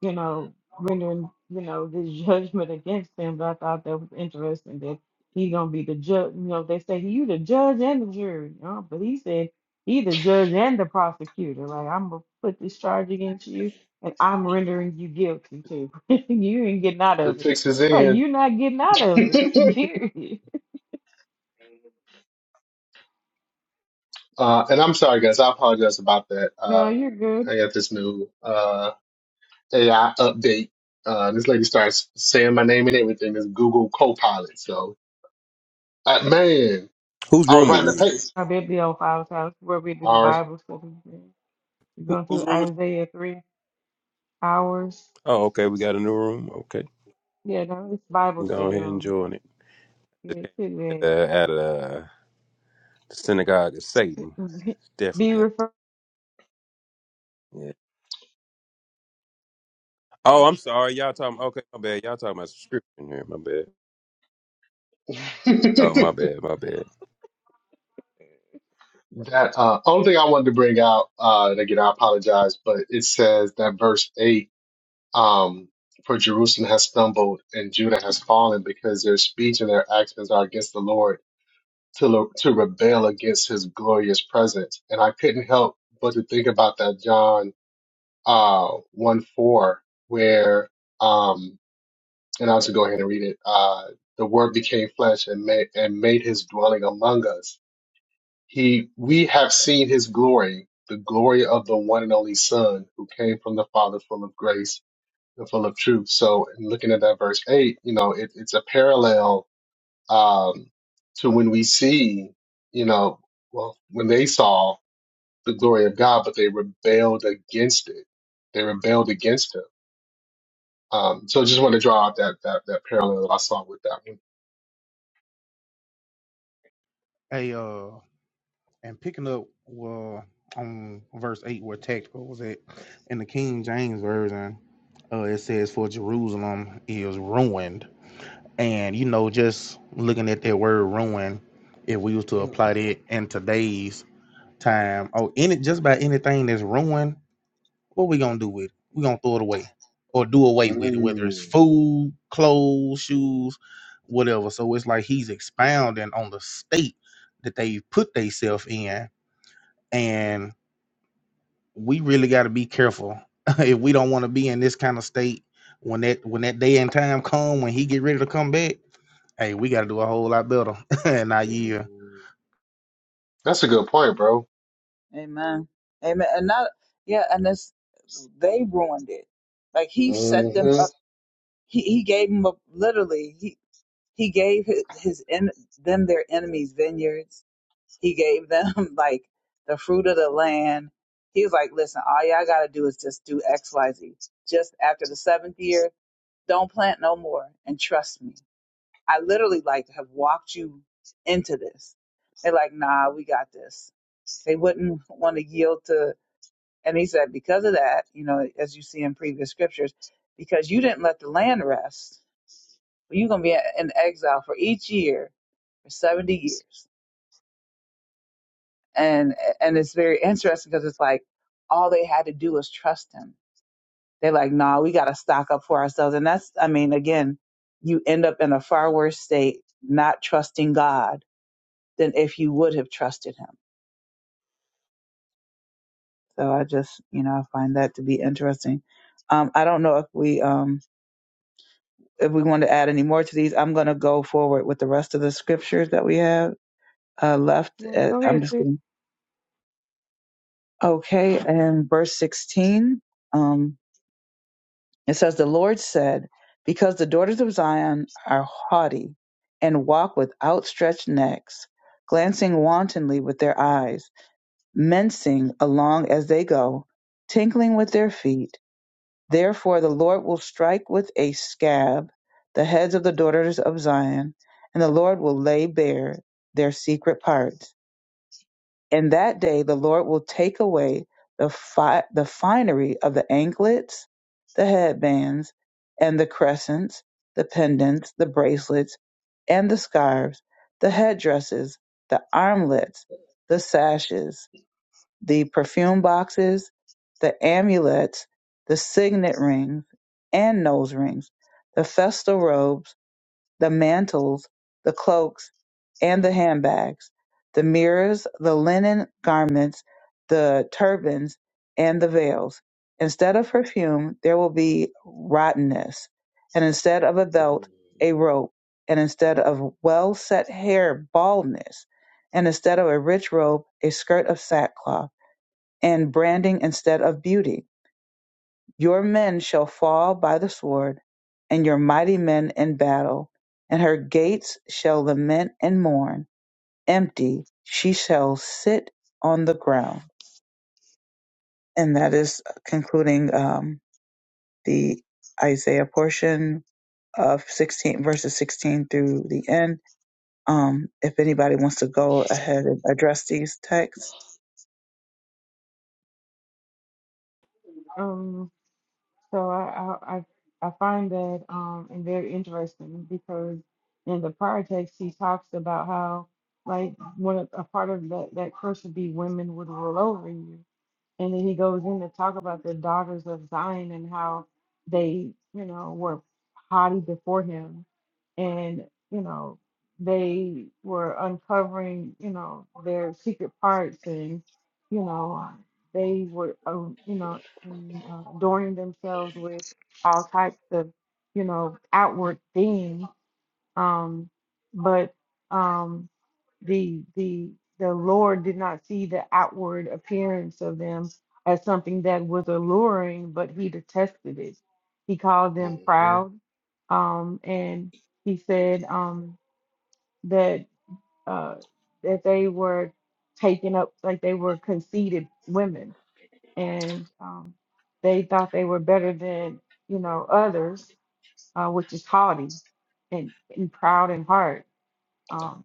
S4: you know rendering you know this judgment against them. But I thought that was interesting that he's gonna be the judge. You know, they say you the judge and the jury, you know, but he said he the judge and the prosecutor. Like I'm gonna put this charge against you, and I'm rendering you guilty too. you ain't getting out
S6: the
S4: of it,
S6: fix is
S4: right?
S6: in.
S4: You're not getting out of it.
S6: uh,
S4: Period.
S6: and I'm sorry, guys. I apologize about that.
S4: No,
S6: Uh,
S4: you're good.
S6: I got this new uh, AI update. Uh, this lady starts saying my name and everything. It's Google Copilot. So, uh, man.
S7: Whose
S6: I was
S7: room are
S6: writing the
S7: we in?
S6: paper.
S4: I bet the old five house where we do
S6: Uh,
S4: Bible study. We're
S7: Who,
S4: going
S7: whose
S4: through
S7: room is it?
S4: Isaiah three hours.
S7: Oh, okay. We got a new room. Okay.
S4: Yeah, no, it's Bible
S7: We go
S4: study
S7: ahead and
S4: room.
S7: join it.
S4: Yeah, sit
S7: At,
S4: back.
S7: uh, at uh, the synagogue of Satan.
S4: Be
S7: Definitely.
S4: referred.
S7: Yeah. Oh, I'm sorry. Y'all talking. Okay, my bad. Y'all talking about subscription here. My bad. Oh, my bad. My bad.
S6: that uh, only thing I wanted to bring out, uh, and again, I apologize, but it says that verse eight, um, for Jerusalem has stumbled and Judah has fallen because their speech and their actions are against the Lord to lo- to rebel against His glorious presence. And I couldn't help but to think about that John uh, one four, where um, and I'll just go ahead and read it. Uh, the Word became flesh and made and made His dwelling among us He, we have seen his glory, the glory of the one and only Son who came from the Father, full of grace and full of truth. So, in looking at that verse eight, you know, it, it's a parallel um, to when we see, you know, well, when they saw the glory of God, but they rebelled against it. They rebelled against him. Um, so, I just want to draw out that that that parallel that I saw with that one.
S3: Hey, uh, and picking up well on verse eight where tactical was at in the King James version, uh, it says for Jerusalem is ruined, and you know just looking at that word ruin, if we was to apply that in today's time, oh, any just about anything that's ruined what we gonna do with it? We gonna throw it away or do away
S6: Mm,
S3: with it, whether it's
S6: mm,
S3: food, clothes, shoes, whatever. So it's like he's expounding on the state that they put themselves in, and we really got to be careful if we don't want to be in this kind of state when that when that day and time come when he get ready to come back. Hey, we got to do a whole lot better in our
S6: mm.
S3: year.
S6: That's a good point, bro.
S5: Amen. Amen. And not yeah, and this they ruined it. Like he set them
S6: hmm
S5: up. He he gave them up literally. He he gave his, his en- them their enemies' vineyards. He gave them like the fruit of the land. He was like, listen, all y'all got to do is just do X, Y, Z. Just after the seventh year, don't plant no more and trust me. I literally like have walked you into this. They're like, nah, we got this. They wouldn't want to yield to. And he said, because of that, you know, as you see in previous scriptures, because you didn't let the land rest, you're going to be in exile for each year for 70 years and and it's very interesting because it's like all they had to do was trust him. They're like, no, nah, we got to stock up for ourselves, and that's I mean, again, you end up in a far worse state not trusting God than if you would have trusted Him. So I just you know I find that to be interesting. Um, I don't know if we um if we want to add any more to these. I'm going to go forward with the rest of the scriptures that we have uh, left.
S4: Yeah,
S5: Uh
S4: go
S5: I'm
S4: ahead,
S5: just
S4: sis.
S5: going. to Okay, and verse 16. Um, It says, The Lord said, Because the daughters of Zion are haughty and walk with outstretched necks, glancing wantonly with their eyes, mincing along as they go, tinkling with their feet. Therefore the Lord will strike with a scab the heads of the daughters of Zion, and the Lord will lay bare their secret parts in that day, the Lord will take away the, fi- the finery of the anklets, the headbands, and the crescents, the pendants, the bracelets, and the scarves, the headdresses, the armlets, the sashes, the perfume boxes, the amulets, the signet rings and nose rings, the festal robes the mantles, the cloaks, and the handbags, the mirrors, the linen garments, the turbans, and the veils. Instead of perfume, there will be rottenness, and instead of a belt, a rope, and instead of well set hair, baldness, and instead of a rich robe, a skirt of sackcloth, and branding instead of beauty your men shall fall by the sword, and your mighty men in battle, and her gates shall lament and mourn. Empty, she shall sit on the ground. And that is uh, concluding um, the Isaiah portion of 16 verses 16 through the end. Um, if anybody wants to go ahead and address these texts,
S4: Um, so I, I I I find that um and very interesting because in the prior text he talks about how like one of, a part of that that curse would be women would rule over you, And then he goes in to talk about the daughters of Zion and how they, you know, were haughty before him. And, you know, they were uncovering, you know, their secret parts and, you know, they were, uh, you know, and, uh, adorning themselves with all types of, you know, outward things. Um, but um, the the the Lord did not see the outward appearance of them as something that was alluring, but he detested it. He called them
S6: Mhm.
S4: proud, um, and he said um, that uh, that they were taken up like they were conceited women, and um, they thought they were better than you know others, uh, which is haughty and, and proud in heart um,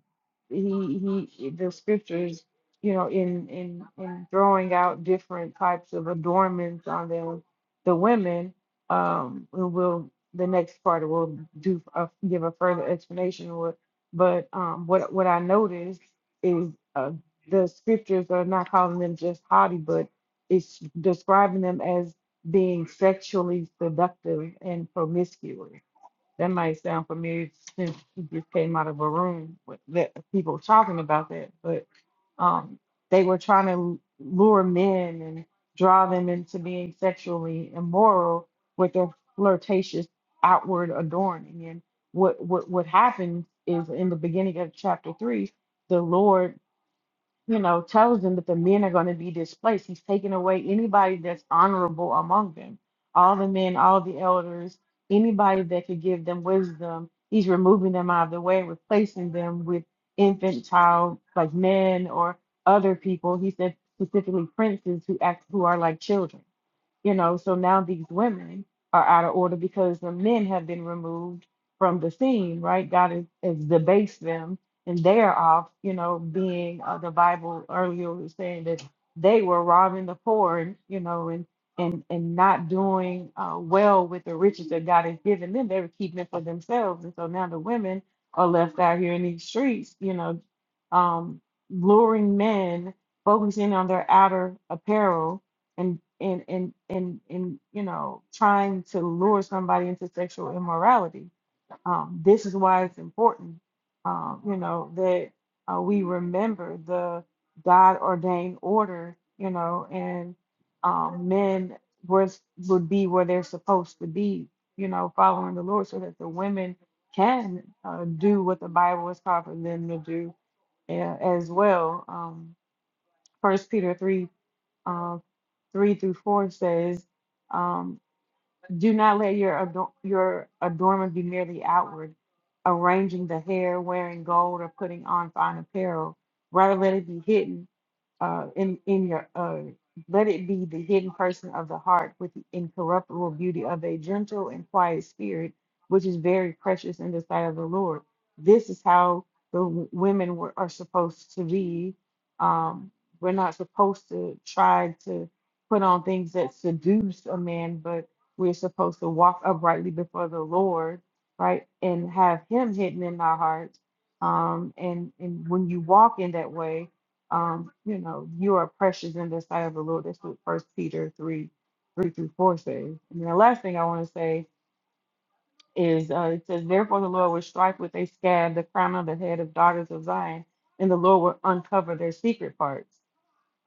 S4: he he the scriptures, you know, in in in throwing out different types of adornments on them, the women, um, who will the next part will do a, give a further explanation of it. But um, what what I noticed is uh, the scriptures are not calling them just haughty, but it's describing them as being sexually seductive and promiscuous. That might sound familiar since you just came out of a room with that people talking about that, but um, they were trying to lure men and draw them into being sexually immoral with their flirtatious outward adorning. And what what what happens is in the beginning of chapter three, the Lord you know, tells them that the men are going to be displaced. He's taking away anybody that's honorable among them, all the men, all the elders, anybody that could give them wisdom. He's removing them out of the way, replacing them with infant child, like men or other people. He said specifically princes who act who are like children. You know, so now these women are out of order because the men have been removed from the scene, right? God has, has debased them and they are off, you know, being uh, the Bible earlier was saying that they were robbing the poor and, you know, and and and not doing uh, well with the riches that God has given them. They were keeping it for themselves. And so now the women are left out here in these streets, you know, um, luring men, focusing on their outer apparel and and and and and you know trying to lure somebody into sexual immorality. Um, this is why it's important, um, you know, that uh, we remember the God ordained order, you know, and um, men was would be where they're supposed to be, you know, following the Lord, so that the women can uh, do what the Bible is called for them to do uh, as well. Um, First Peter three uh, 3 through 4 says, um, Do not let your, ador- your adornment be merely outward, arranging the hair, wearing gold, or putting on fine apparel. Rather, let it be hidden uh, in in your uh, let it be the hidden person of the heart with the incorruptible beauty of a gentle and quiet spirit, which is very precious in the sight of the Lord. This is how the w- women were, are supposed to be. Um, we're not supposed to try to put on things that seduce a man, but we're supposed to walk uprightly before the Lord, right, and have Him hidden in our hearts. Um, and and when you walk in that way um, you know, you are precious in the sight of the Lord. That's what First Peter three, three through four says. And then the last thing I want to say is uh, it says, Therefore the Lord will strike with a scab the crown of the head of daughters of Zion, and the Lord will uncover their secret parts.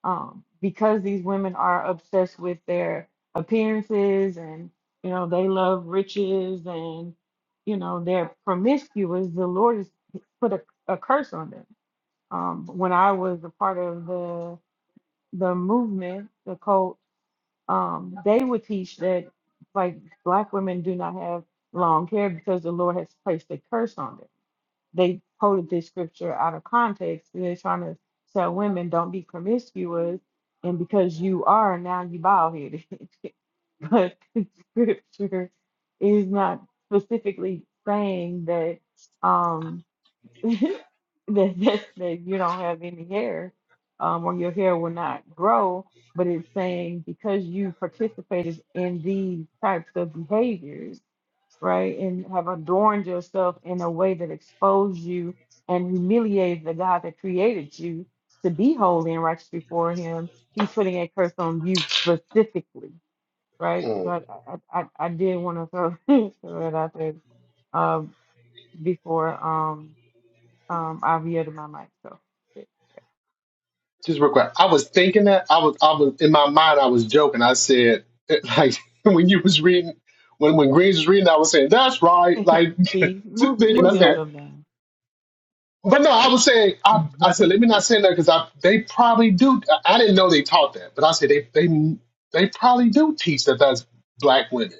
S4: Um, because these women are obsessed with their appearances and you know they love riches and you know they're promiscuous, the Lord has put a, a curse on them. Um, when I was a part of the the movement, the cult, um, they would teach that like black women do not have long hair because the Lord has placed a curse on them. They quoted this scripture out of context. and They're trying to tell women don't be promiscuous, and because you are now you bald headed. but the scripture is not specifically saying that. Um, that that's that you don't have any hair, um, or your hair will not grow. But it's saying because you participated in these types of behaviors, right, and have adorned yourself in a way that exposed you and humiliated the God that created you to be holy and righteous before Him, He's putting a curse on you specifically, right? So
S6: Mm.
S4: I I I, I I did want to throw, throw that out there uh, before. Um, um, I've yielded my mic, so
S6: Just real quick. I was thinking that I was I was in my mind I was joking. I said like when you was reading when when Greens was reading, I was saying that's right. Like
S4: see,
S6: just
S4: move
S6: thinking,
S4: move
S6: I
S5: we gonna.
S6: said,
S4: yourself down.
S6: but no, I was saying I I said let me not say that because I they probably do. I I didn't know they taught that, but I said they they they probably do teach that that's black women.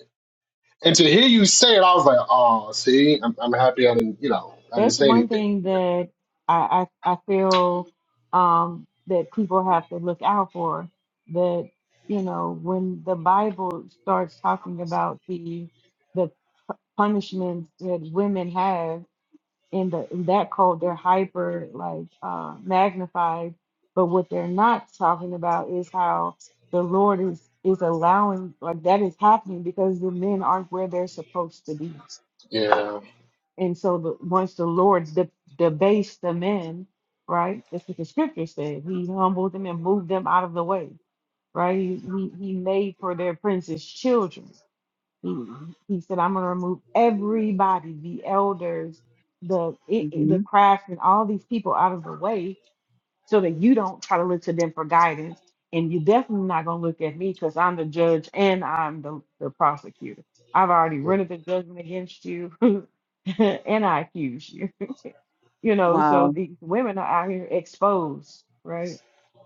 S6: And to hear you say it, I was like, oh, see, I'm I'm happy I didn't you know I didn't
S4: That's
S6: say
S4: one
S6: anything.
S4: thing that I I, I feel um that people have to look out for. That you know, when the Bible starts talking about the the punishments that women have in the in that code they're hyper like uh magnified but what they're not talking about is how the lord is is allowing like that is happening because the men aren't where they're supposed to be
S6: Yeah.
S4: and so the, once the lord de- debased the men right that's what the scripture said he humbled them and moved them out of the way right he, he, he made for their princes children he He said, I'm going to remove everybody, the elders, the i- i- the
S5: hmm
S4: craftsmen, all these people out of the way so that you don't try to look to them for guidance. And you're definitely not going to look at me because I'm the judge and I'm the, the prosecutor. I've already rendered the judgment against you and I accuse you. you know, so
S5: Wow.
S4: these women are out here exposed, right?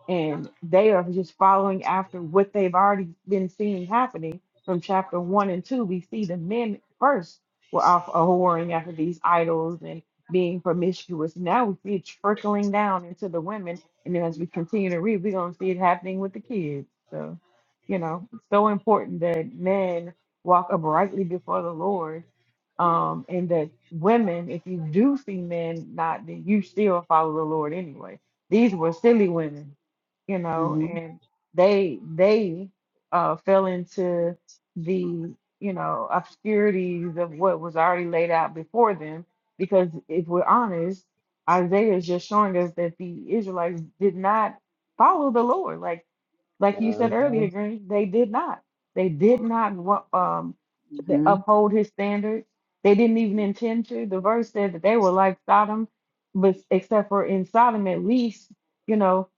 S4: and they are just following after what they've already been seeing happening from chapter one and two. We see the men first were off uh, whoring after these idols and being promiscuous. Now we see it trickling down into the women, and then as we continue to read, we're gonna see it happening with the kids. So, you know, it's so important that men walk uprightly before the Lord um, and that women, if you do see men not, then you still follow the Lord anyway. These were silly women, you know,
S5: hmm
S4: and they they uh, fell into the you know obscurities of what was already laid out before them. Because if we're honest, Isaiah is just showing us that the Israelites did not follow the Lord. Like like you said earlier,
S6: Mhm.
S4: Green, they did not. They did not wa- um th-
S5: hmm
S4: uphold his standards. They didn't even intend to. The verse said that they were like Sodom, but except for in Sodom, at least you know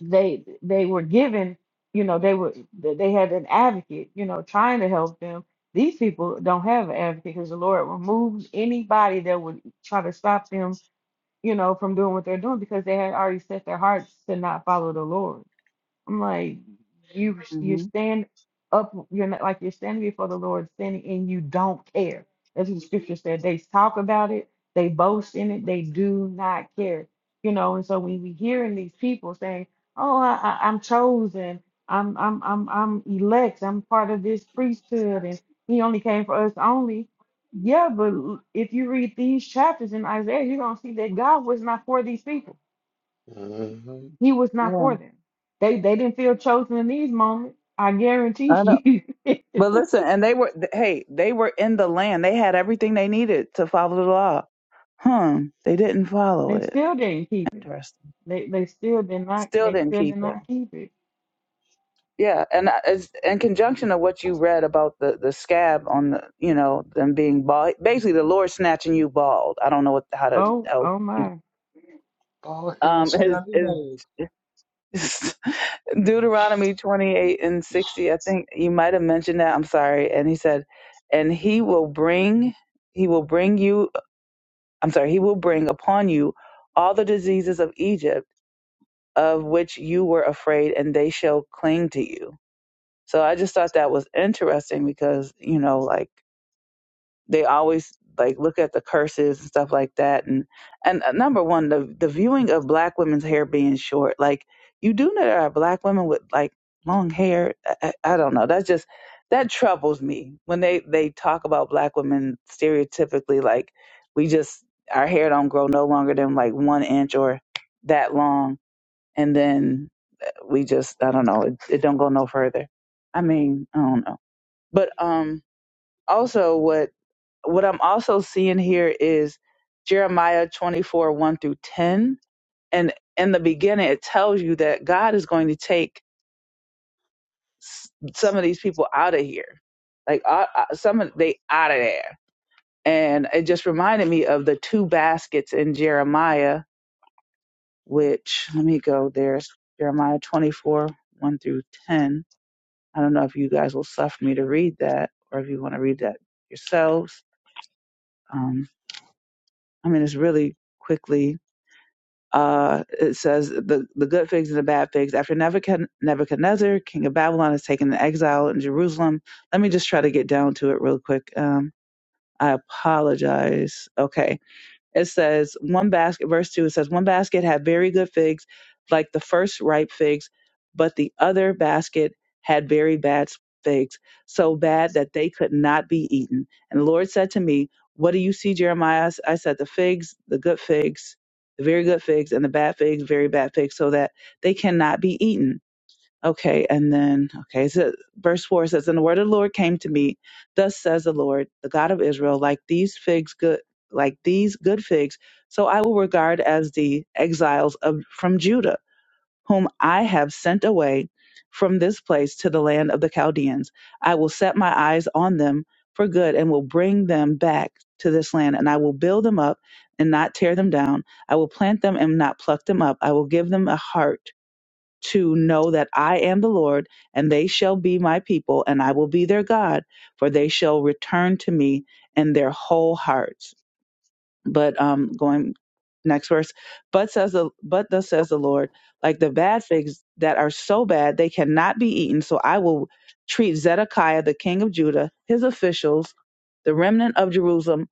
S4: they they were given. You know they were they they had an advocate. You know trying to help them. These people don't have an advocate because the Lord removed anybody that would try to stop them. You know from doing what they're doing because they had already set their hearts to not follow the Lord. I'm like, you you
S5: hmm
S4: stand up, you're not like you're standing before the Lord sinning and you don't care. That's what the scripture said. They talk about it, they boast in it, they do not care. You know, and so when we hearing these people saying, Oh, I, I, I'm chosen, I'm I'm I'm I'm elect, I'm part of this priesthood, and he only came for us only. Yeah, but l- if you read these chapters in Isaiah, you're gonna see that God was not for these people.
S6: Mhm.
S4: He was not
S5: Yeah.
S4: for them. They they didn't feel chosen in these moments. I guarantee
S5: I know.
S4: you.
S5: But listen, and they were th- hey, they were in the land. They had everything they needed to follow the law. Huh? They didn't follow
S4: they
S5: it.
S4: still didn't keep it.
S5: Interesting.
S4: They they still did not
S5: Still
S4: they
S5: didn't
S4: still did
S5: keep it.
S4: not keep it.
S5: Yeah, and I- it's in conjunction of what you read about the the scab on the you know them being bald. Basically, the Lord snatching you bald. I don't know what how to
S4: Oh
S5: help
S4: oh
S5: you.
S4: my.
S6: All his
S5: Um, is is
S6: Scallywag.
S5: Deuteronomy twenty eight and sixty. I think you might have mentioned that. I'm sorry. And he said, and he will bring he will bring you I'm sorry, he will bring upon you all the diseases of Egypt of which you were afraid, and they shall cling to you. So I just thought that was interesting because, you know, like they always like look at the curses and stuff like that and and uh, number one the the viewing of black women's hair being short like you do know there are black women with like long hair i, I I don't know that's just that troubles me when they they talk about black women stereotypically like we just our hair don't grow no longer than like one inch or that long and then uh, we just i don't know it, it don't go no further i mean i don't know but um also what what I'm also seeing here is Jeremiah 24, 1 through 10. And in the beginning, it tells you that God is going to take s- some of these people out of here. Like uh, uh, some of they out of there. And it just reminded me of the two baskets in Jeremiah, which let me go there. It's Jeremiah 24, 1 through 10. I don't know if you guys will suffer me to read that or if you want to read that yourselves. Um, I mean, it's really quickly uh, it says the, the good figs and the bad figs. After Nebuchad- Nebuchadnezzar, king of Babylon, is taken into exile in Jerusalem. Let me just try to get down to it real quick. Um, I apologize. Okay it says one basket verse 2 it says one basket had very good figs like the first ripe figs but the other basket had very bad figs so bad that they could not be eaten and the lord said to me what do you see jeremiah i said the figs the good figs the very good figs and the bad figs very bad figs so that they cannot be eaten Okay, and then okay, so verse four says, "And the word of the Lord came to me. Thus says the Lord, the God of Israel, like these figs good, like these good figs, so I will regard as the exiles of from Judah, whom I have sent away from this place to the land of the Chaldeans. I will set my eyes on them for good, and will bring them back to this land, and I will build them up and not tear them down. I will plant them and not pluck them up. I will give them a heart." to know that I am the Lord, and they shall be my people, and I will be their God, for they shall return to me in their whole hearts. But um, going next verse, but says the but thus says the Lord, like the bad figs that are so bad they cannot be eaten. So I will treat Zedekiah the king of Judah, his officials, the remnant of Jerusalem,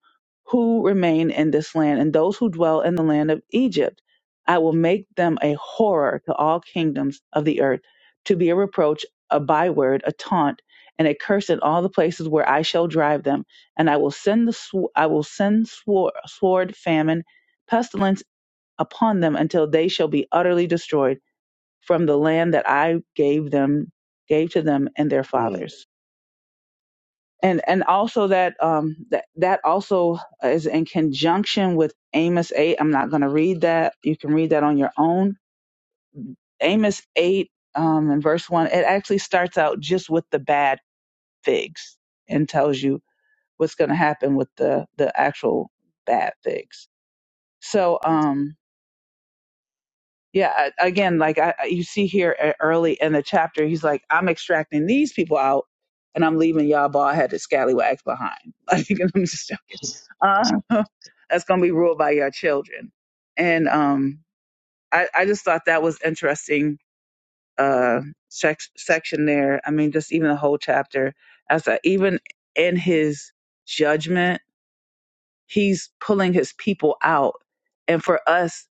S5: who remain in this land, and those who dwell in the land of Egypt. I will make them a horror to all kingdoms of the earth, to be a reproach, a byword, a taunt, and a curse in all the places where I shall drive them and I will send the sw- I will send swor- sword, famine, pestilence upon them until they shall be utterly destroyed from the land that I gave them gave to them and their fathers. And and also that um that that also is in conjunction with Amos eight. I'm not going to read that. You can read that on your own. Amos eight um in verse one. It actually starts out just with the bad figs and tells you what's going to happen with the the actual bad figs So, um, yeah, I- again, like I, I- you see here e- early in the chapter, he's like, I'm extracting these people out and I'm leaving y'all bald headed scallywags behind. Like, I'm just joking. Uh, that's going to be ruled by your children. And um, I, I just thought that was interesting uh, sec- section there. I mean, just even the whole chapter, as that even in his judgment, he's pulling his people out. And for us,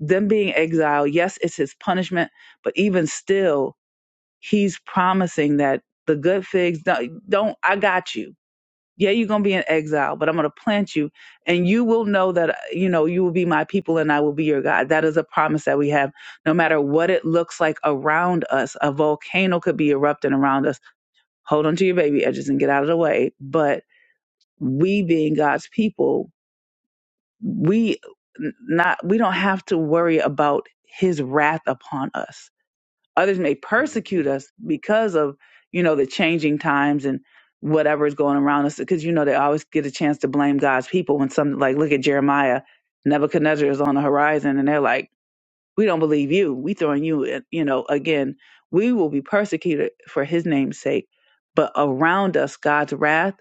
S5: them being exiled, yes, it's his punishment, but even still, he's promising that the good figs don't, don't I got you. Yeah, you're going to be in exile, but I'm going to plant you and you will know that, uh, you know, you will be my people and I will be your God. That is a promise that we have no matter what it looks like around us. A volcano could be erupting around us. Hold on to your baby edges and get out of the way. But we being God's people we not we don't have to worry about his wrath upon us others may persecute us because of you know the changing times and whatever is going around us because you know they always get a chance to blame god's people when some like look at jeremiah nebuchadnezzar is on the horizon and they're like we don't believe you. We throwing you, in." you know, again, we will be persecuted for his name's sake. But around us, God's wrath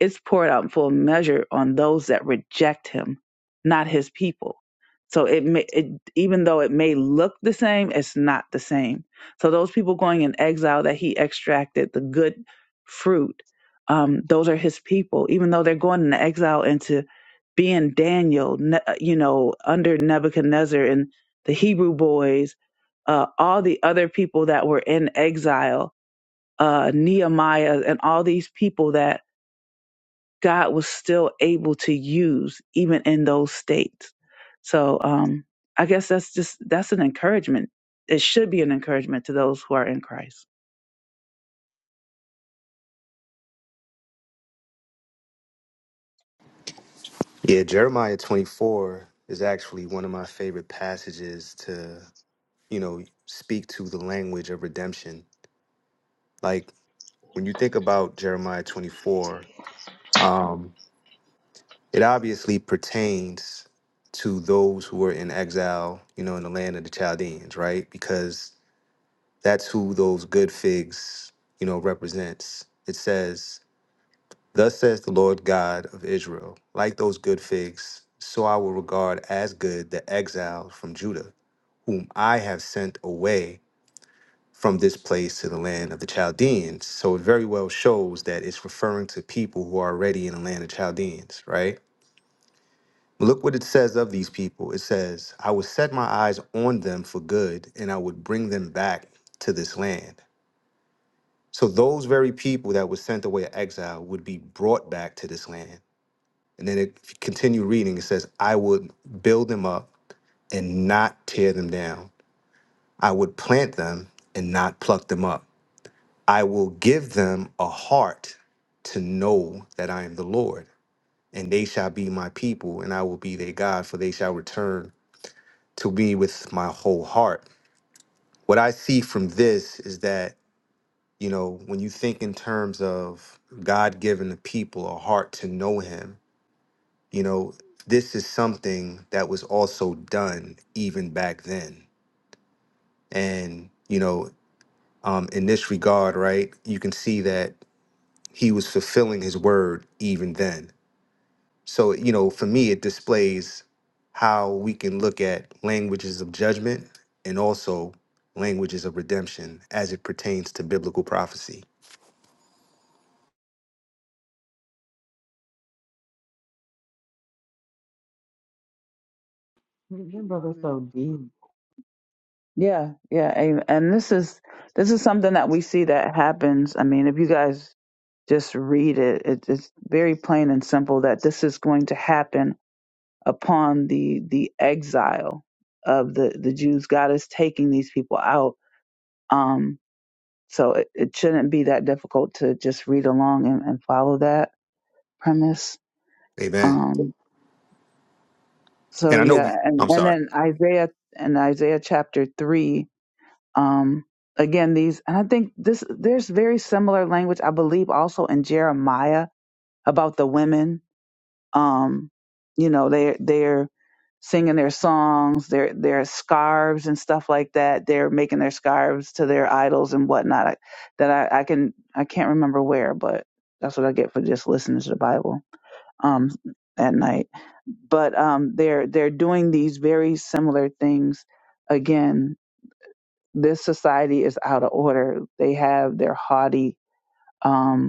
S5: is poured out in full measure on those that reject him, not his people. So it may, it, even though it may look the same, it's not the same. So those people going in exile that he extracted the good fruit, um, those are his people. Even though they're going into exile into being Daniel, ne- uh, you know, under Nebuchadnezzar the Hebrew boys, uh, all the other people that were in exile, uh, Nehemiah, and all these people that God was still able to use even in those states. So um, I guess that's just that's an encouragement. It should be an encouragement to those who are in Christ.
S8: Yeah, Jeremiah 24 is actually one of my favorite passages to, you know, speak to the language of redemption. Like when you think about Jeremiah 24, um, it obviously pertains to those who were in exile, you know, in the land of the Chaldeans, right? Because that's who those good figs, you know, represents. It says, Thus says the Lord God of Israel, like those good figs, so I will regard as good the exiles from Judah whom I have sent away from this place to the land of the Chaldeans. So it very well shows that it's referring to people who are already in the land of Chaldeans, right? Look what it says of these people. It says, I would set my eyes on them for good, and I would bring them back to this land. So those very people that were sent away to exile would be brought back to this land. And then it if you continue reading, it says, I would build them up and not tear them down. I would plant them and not pluck them up. I will give them a heart to know that I am the Lord, and they shall be my people, and I will be their God, for they shall return to me with my whole heart. What I see from this is that, you know, when you think in terms of God giving the people a heart to know Him, you know, this is something that was also done even back then. And, you know, um, in this regard, right, you can see that He was fulfilling His word even then So, you know, for me, it displays how we can look at languages of judgment and also languages of redemption as it pertains to biblical prophecy.
S4: Your brother's
S5: Amen.
S4: so deep.
S5: Yeah, yeah, and, and this is this is something that we see that happens. I mean, if you guys just read it, it, it's very plain and simple that this is going to happen upon the the exile of the the Jews. God is taking these people out. Um, so it, it shouldn't be that difficult to just read along and, and follow that premise.
S8: Amen.
S5: Um, so
S8: And I know we,
S5: yeah, and,
S8: I'm
S5: and
S8: sorry.
S5: then Isaiah and Isaiah chapter three. Um, again, these and I think this there's very similar language. I believe also in Jeremiah about the women um you know they're they're singing their songs their their scarves and stuff like that they're making their scarves to their idols and whatnot I, that I, I can i can't remember where but that's what i get for just listening to the bible um at night but um they're they're doing these very similar things again this society is out of order they have their haughty um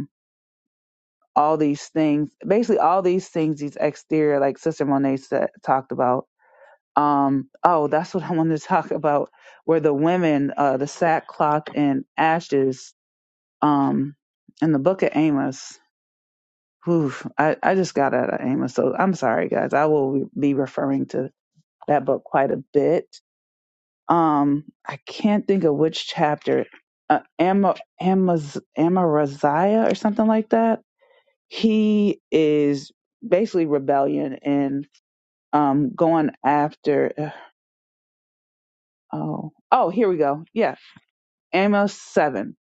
S5: all these things basically all these things these exterior like sister monet said, talked about um oh that's what i wanted to talk about where the women uh the sackcloth and ashes um in the book of amos whew, I, I just got out of amos so i'm sorry guys i will be referring to that book quite a bit um i can't think of which chapter uh, Ama, Amaz, Amaraziah or something like that he is basically rebellion and um, going after. uh, Oh, oh, here we go. Yeah, Amos seven,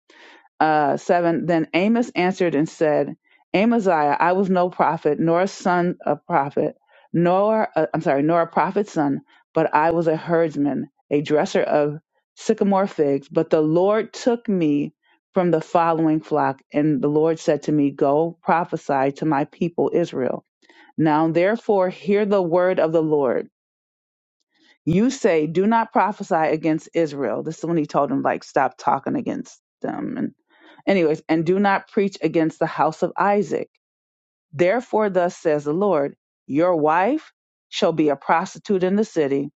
S5: uh, seven. Then Amos answered and said, Amaziah, I was no prophet, nor a son of prophet, nor i I'm sorry, nor a prophet's son, but I was a herdsman, a dresser of sycamore figs. But the Lord took me from the following flock, and the Lord said to me, Go prophesy to my people Israel. Now therefore hear the word of the Lord. You say, Do not prophesy against Israel. This is when he told him, like, stop talking against them. And anyways, and do not preach against the house of Isaac. Therefore, thus says the Lord, your wife shall be a prostitute in the city,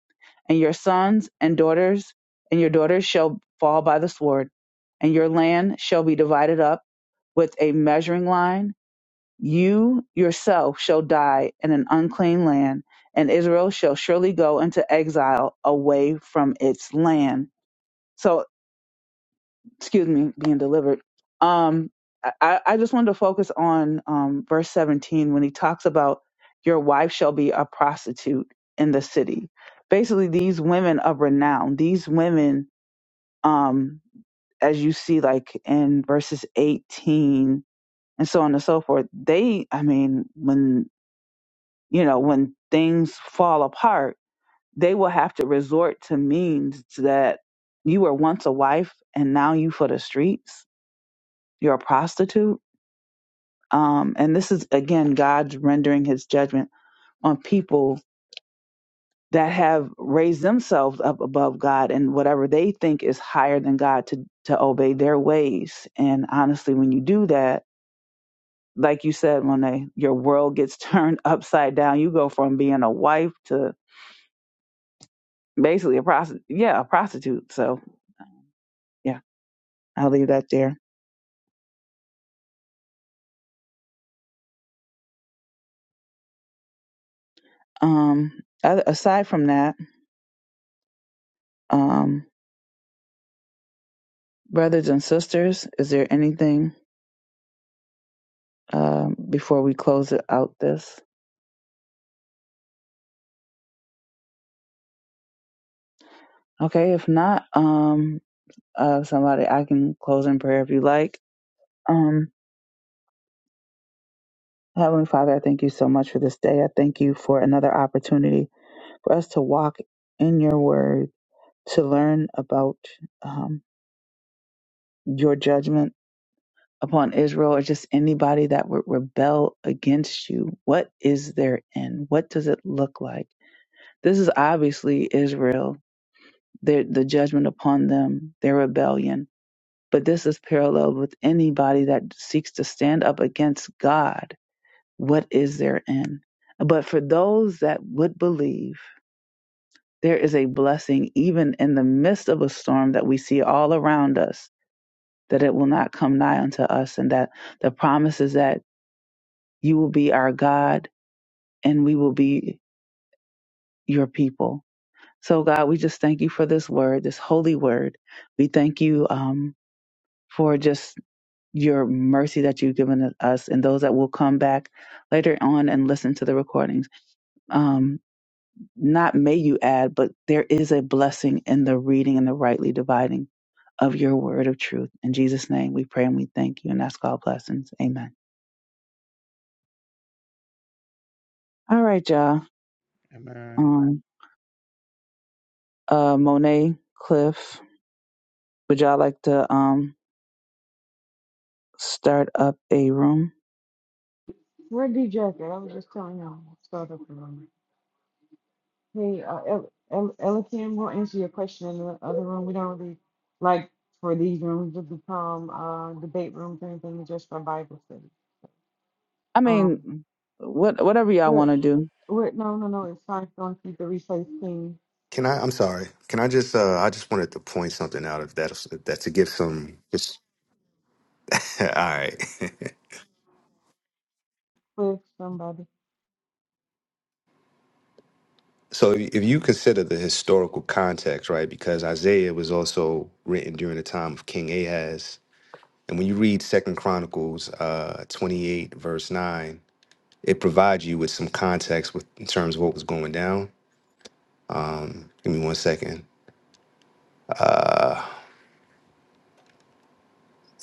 S5: and your sons and daughters and your daughters shall fall by the sword, and your land shall be divided up with a measuring line you yourself shall die in an unclean land, and Israel shall surely go into exile away from its land. So, excuse me, being delivered. Um, I, I just wanted to focus on um, verse 17 when he talks about your wife shall be a prostitute in the city. Basically, these women of renown, these women, um, as you see, like in verses 18 and so on and so forth, they, I mean, when you know, when things fall apart, they will have to resort to means that you were once a wife and now you for the streets. You're a prostitute. Um, and this is again God's rendering his judgment on people that have raised themselves up above God and whatever they think is higher than God to to obey their ways. And honestly, when you do that, like you said, Monet, your world gets turned upside down. You go from being a wife to basically a prostitute. Yeah, a prostitute. So yeah, I'll leave that there. Um, oth- aside from that, um, brothers and sisters, is there anything um before we close it out? This okay? If not, um, uh, somebody I can close in prayer if you like. Um, Heavenly Father, I thank you so much for this day. I thank you for another opportunity for us to walk in your word, to learn about um, your judgment upon Israel or just anybody that would rebel against you? What is their end? What does it look like? This is obviously Israel, the, the judgment upon them, their rebellion. But this is parallel with anybody that seeks to stand up against God. What is their end? But for those that would believe, there is a blessing even in the midst of a storm that we see all around us, that it will not come nigh unto us, and that the promises that You will be our God, and we will be your people. So, God, we just thank you for this word, this holy word. We thank you um, for just your mercy that you've given us and those that will come back later on and listen to the recordings um, not may you add, but there is a blessing in the reading and the rightly dividing of your word of truth. In Jesus' name, we pray and we thank you and ask all blessings. Amen. All right, y'all.
S3: Amen.
S5: Um, uh, Monet, Cliff, Would y'all like to um start up a room?
S4: Where D Jacket? I was just telling y'all. Start up the room. Hey, uh, El- El- Elikim, we'll answer your question in the other room. We don't really like for these rooms to become uh debate rooms or anything just for Bible study.
S5: I
S4: Um,
S5: mean, what whatever y'all
S4: we're,
S5: want to do.
S4: we're no no no. It's fine. Don't keep the replays clean.
S8: Can I, I'm sorry. Can I just, uh, I just wanted to point something out if that's, if that's to give some, just, all right.
S4: Push somebody.
S8: So if you consider the historical context, right, because Isaiah was also written during the time of King Ahaz. And when you read Second Chronicles uh, 28, verse 9, It provides you with some context with in terms of what was going down. Give me one second.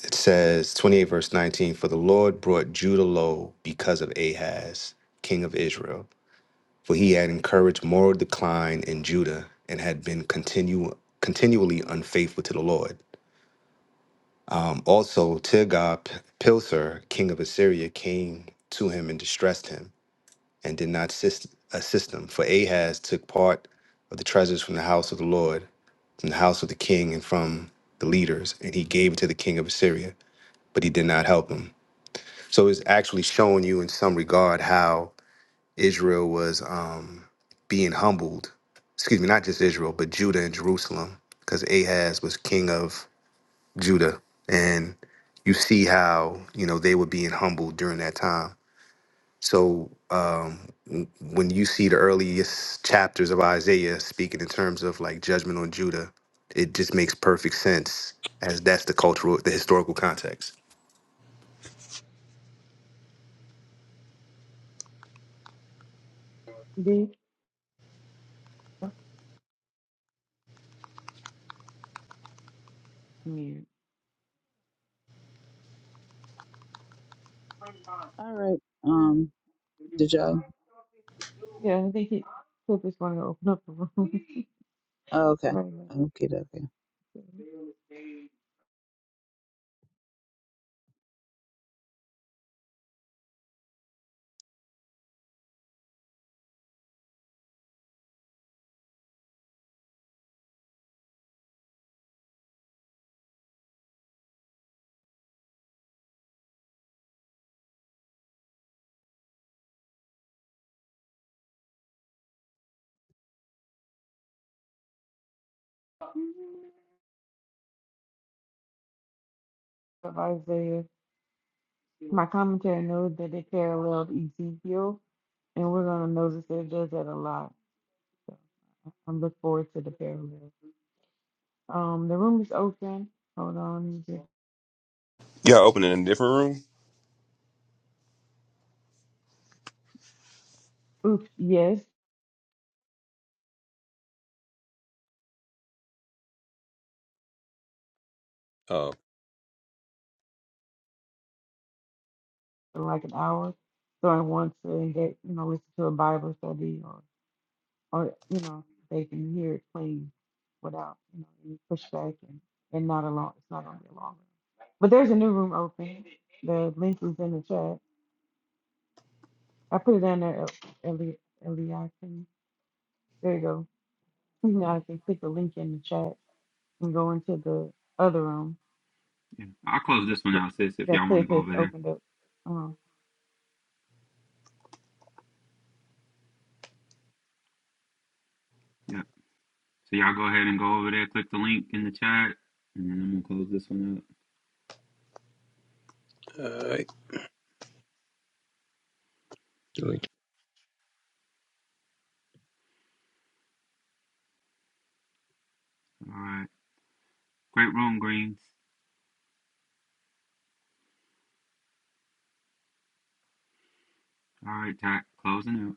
S8: It says 28 verse 19, for the Lord brought Judah low because of Ahaz, king of Israel, for he had encouraged moral decline in Judah and had been continu- continually unfaithful to the Lord. Um, also, Tigab Pilser, king of Assyria, came to him and distressed him. and did not assist, assist him. For Ahaz took part of the treasures from the house of the Lord, from the house of the king, and from the leaders, and he gave it to the king of Assyria, but he did not help him. So it's actually showing you in some regard how Israel was um, being humbled. Excuse me, not just Israel, but Judah and Jerusalem, because Ahaz was king of Judah. And you see how, you know, they were being humbled during that time. So, um, when you see the earliest chapters of Isaiah speaking in terms of like judgment on Judah, it just makes perfect sense as that's the cultural, the historical context.
S4: Did mute.
S5: All right. Um, did y'all?
S4: Yeah, I think he took this one to open up the room.
S5: Oh, okay.
S4: right.
S5: Okay. Okay.
S4: Of Isaiah. My commentary knows that it paralleled Ezekiel, and we're gonna notice that it does that a lot. So I'm looking forward to the parallel. Um, the room is open. Hold on. just-
S7: Y'all opening a different
S4: Oops. Yes,
S7: room? Oh.
S4: in like an hour. So I want to get you know listen to a Bible study or you know they can hear it clean without you know any pushback and and not a long it's not gonna be a long. But there's a new room open. The link is in the chat. I put it down there, Eli Eliakim. There you go. You know, I can click the link in the chat and go into the other room
S2: Yeah. I'll close this one out, sis. If
S4: that
S2: y'all want
S4: Cliff
S2: to go
S4: has
S2: over there.
S4: opened up. Um,
S2: yeah. So y'all go ahead and go over there, click the link in the chat, and then I'm gonna close this one up.
S7: All right.
S2: All right. Great room, Greens. All right, Tack. Closing out.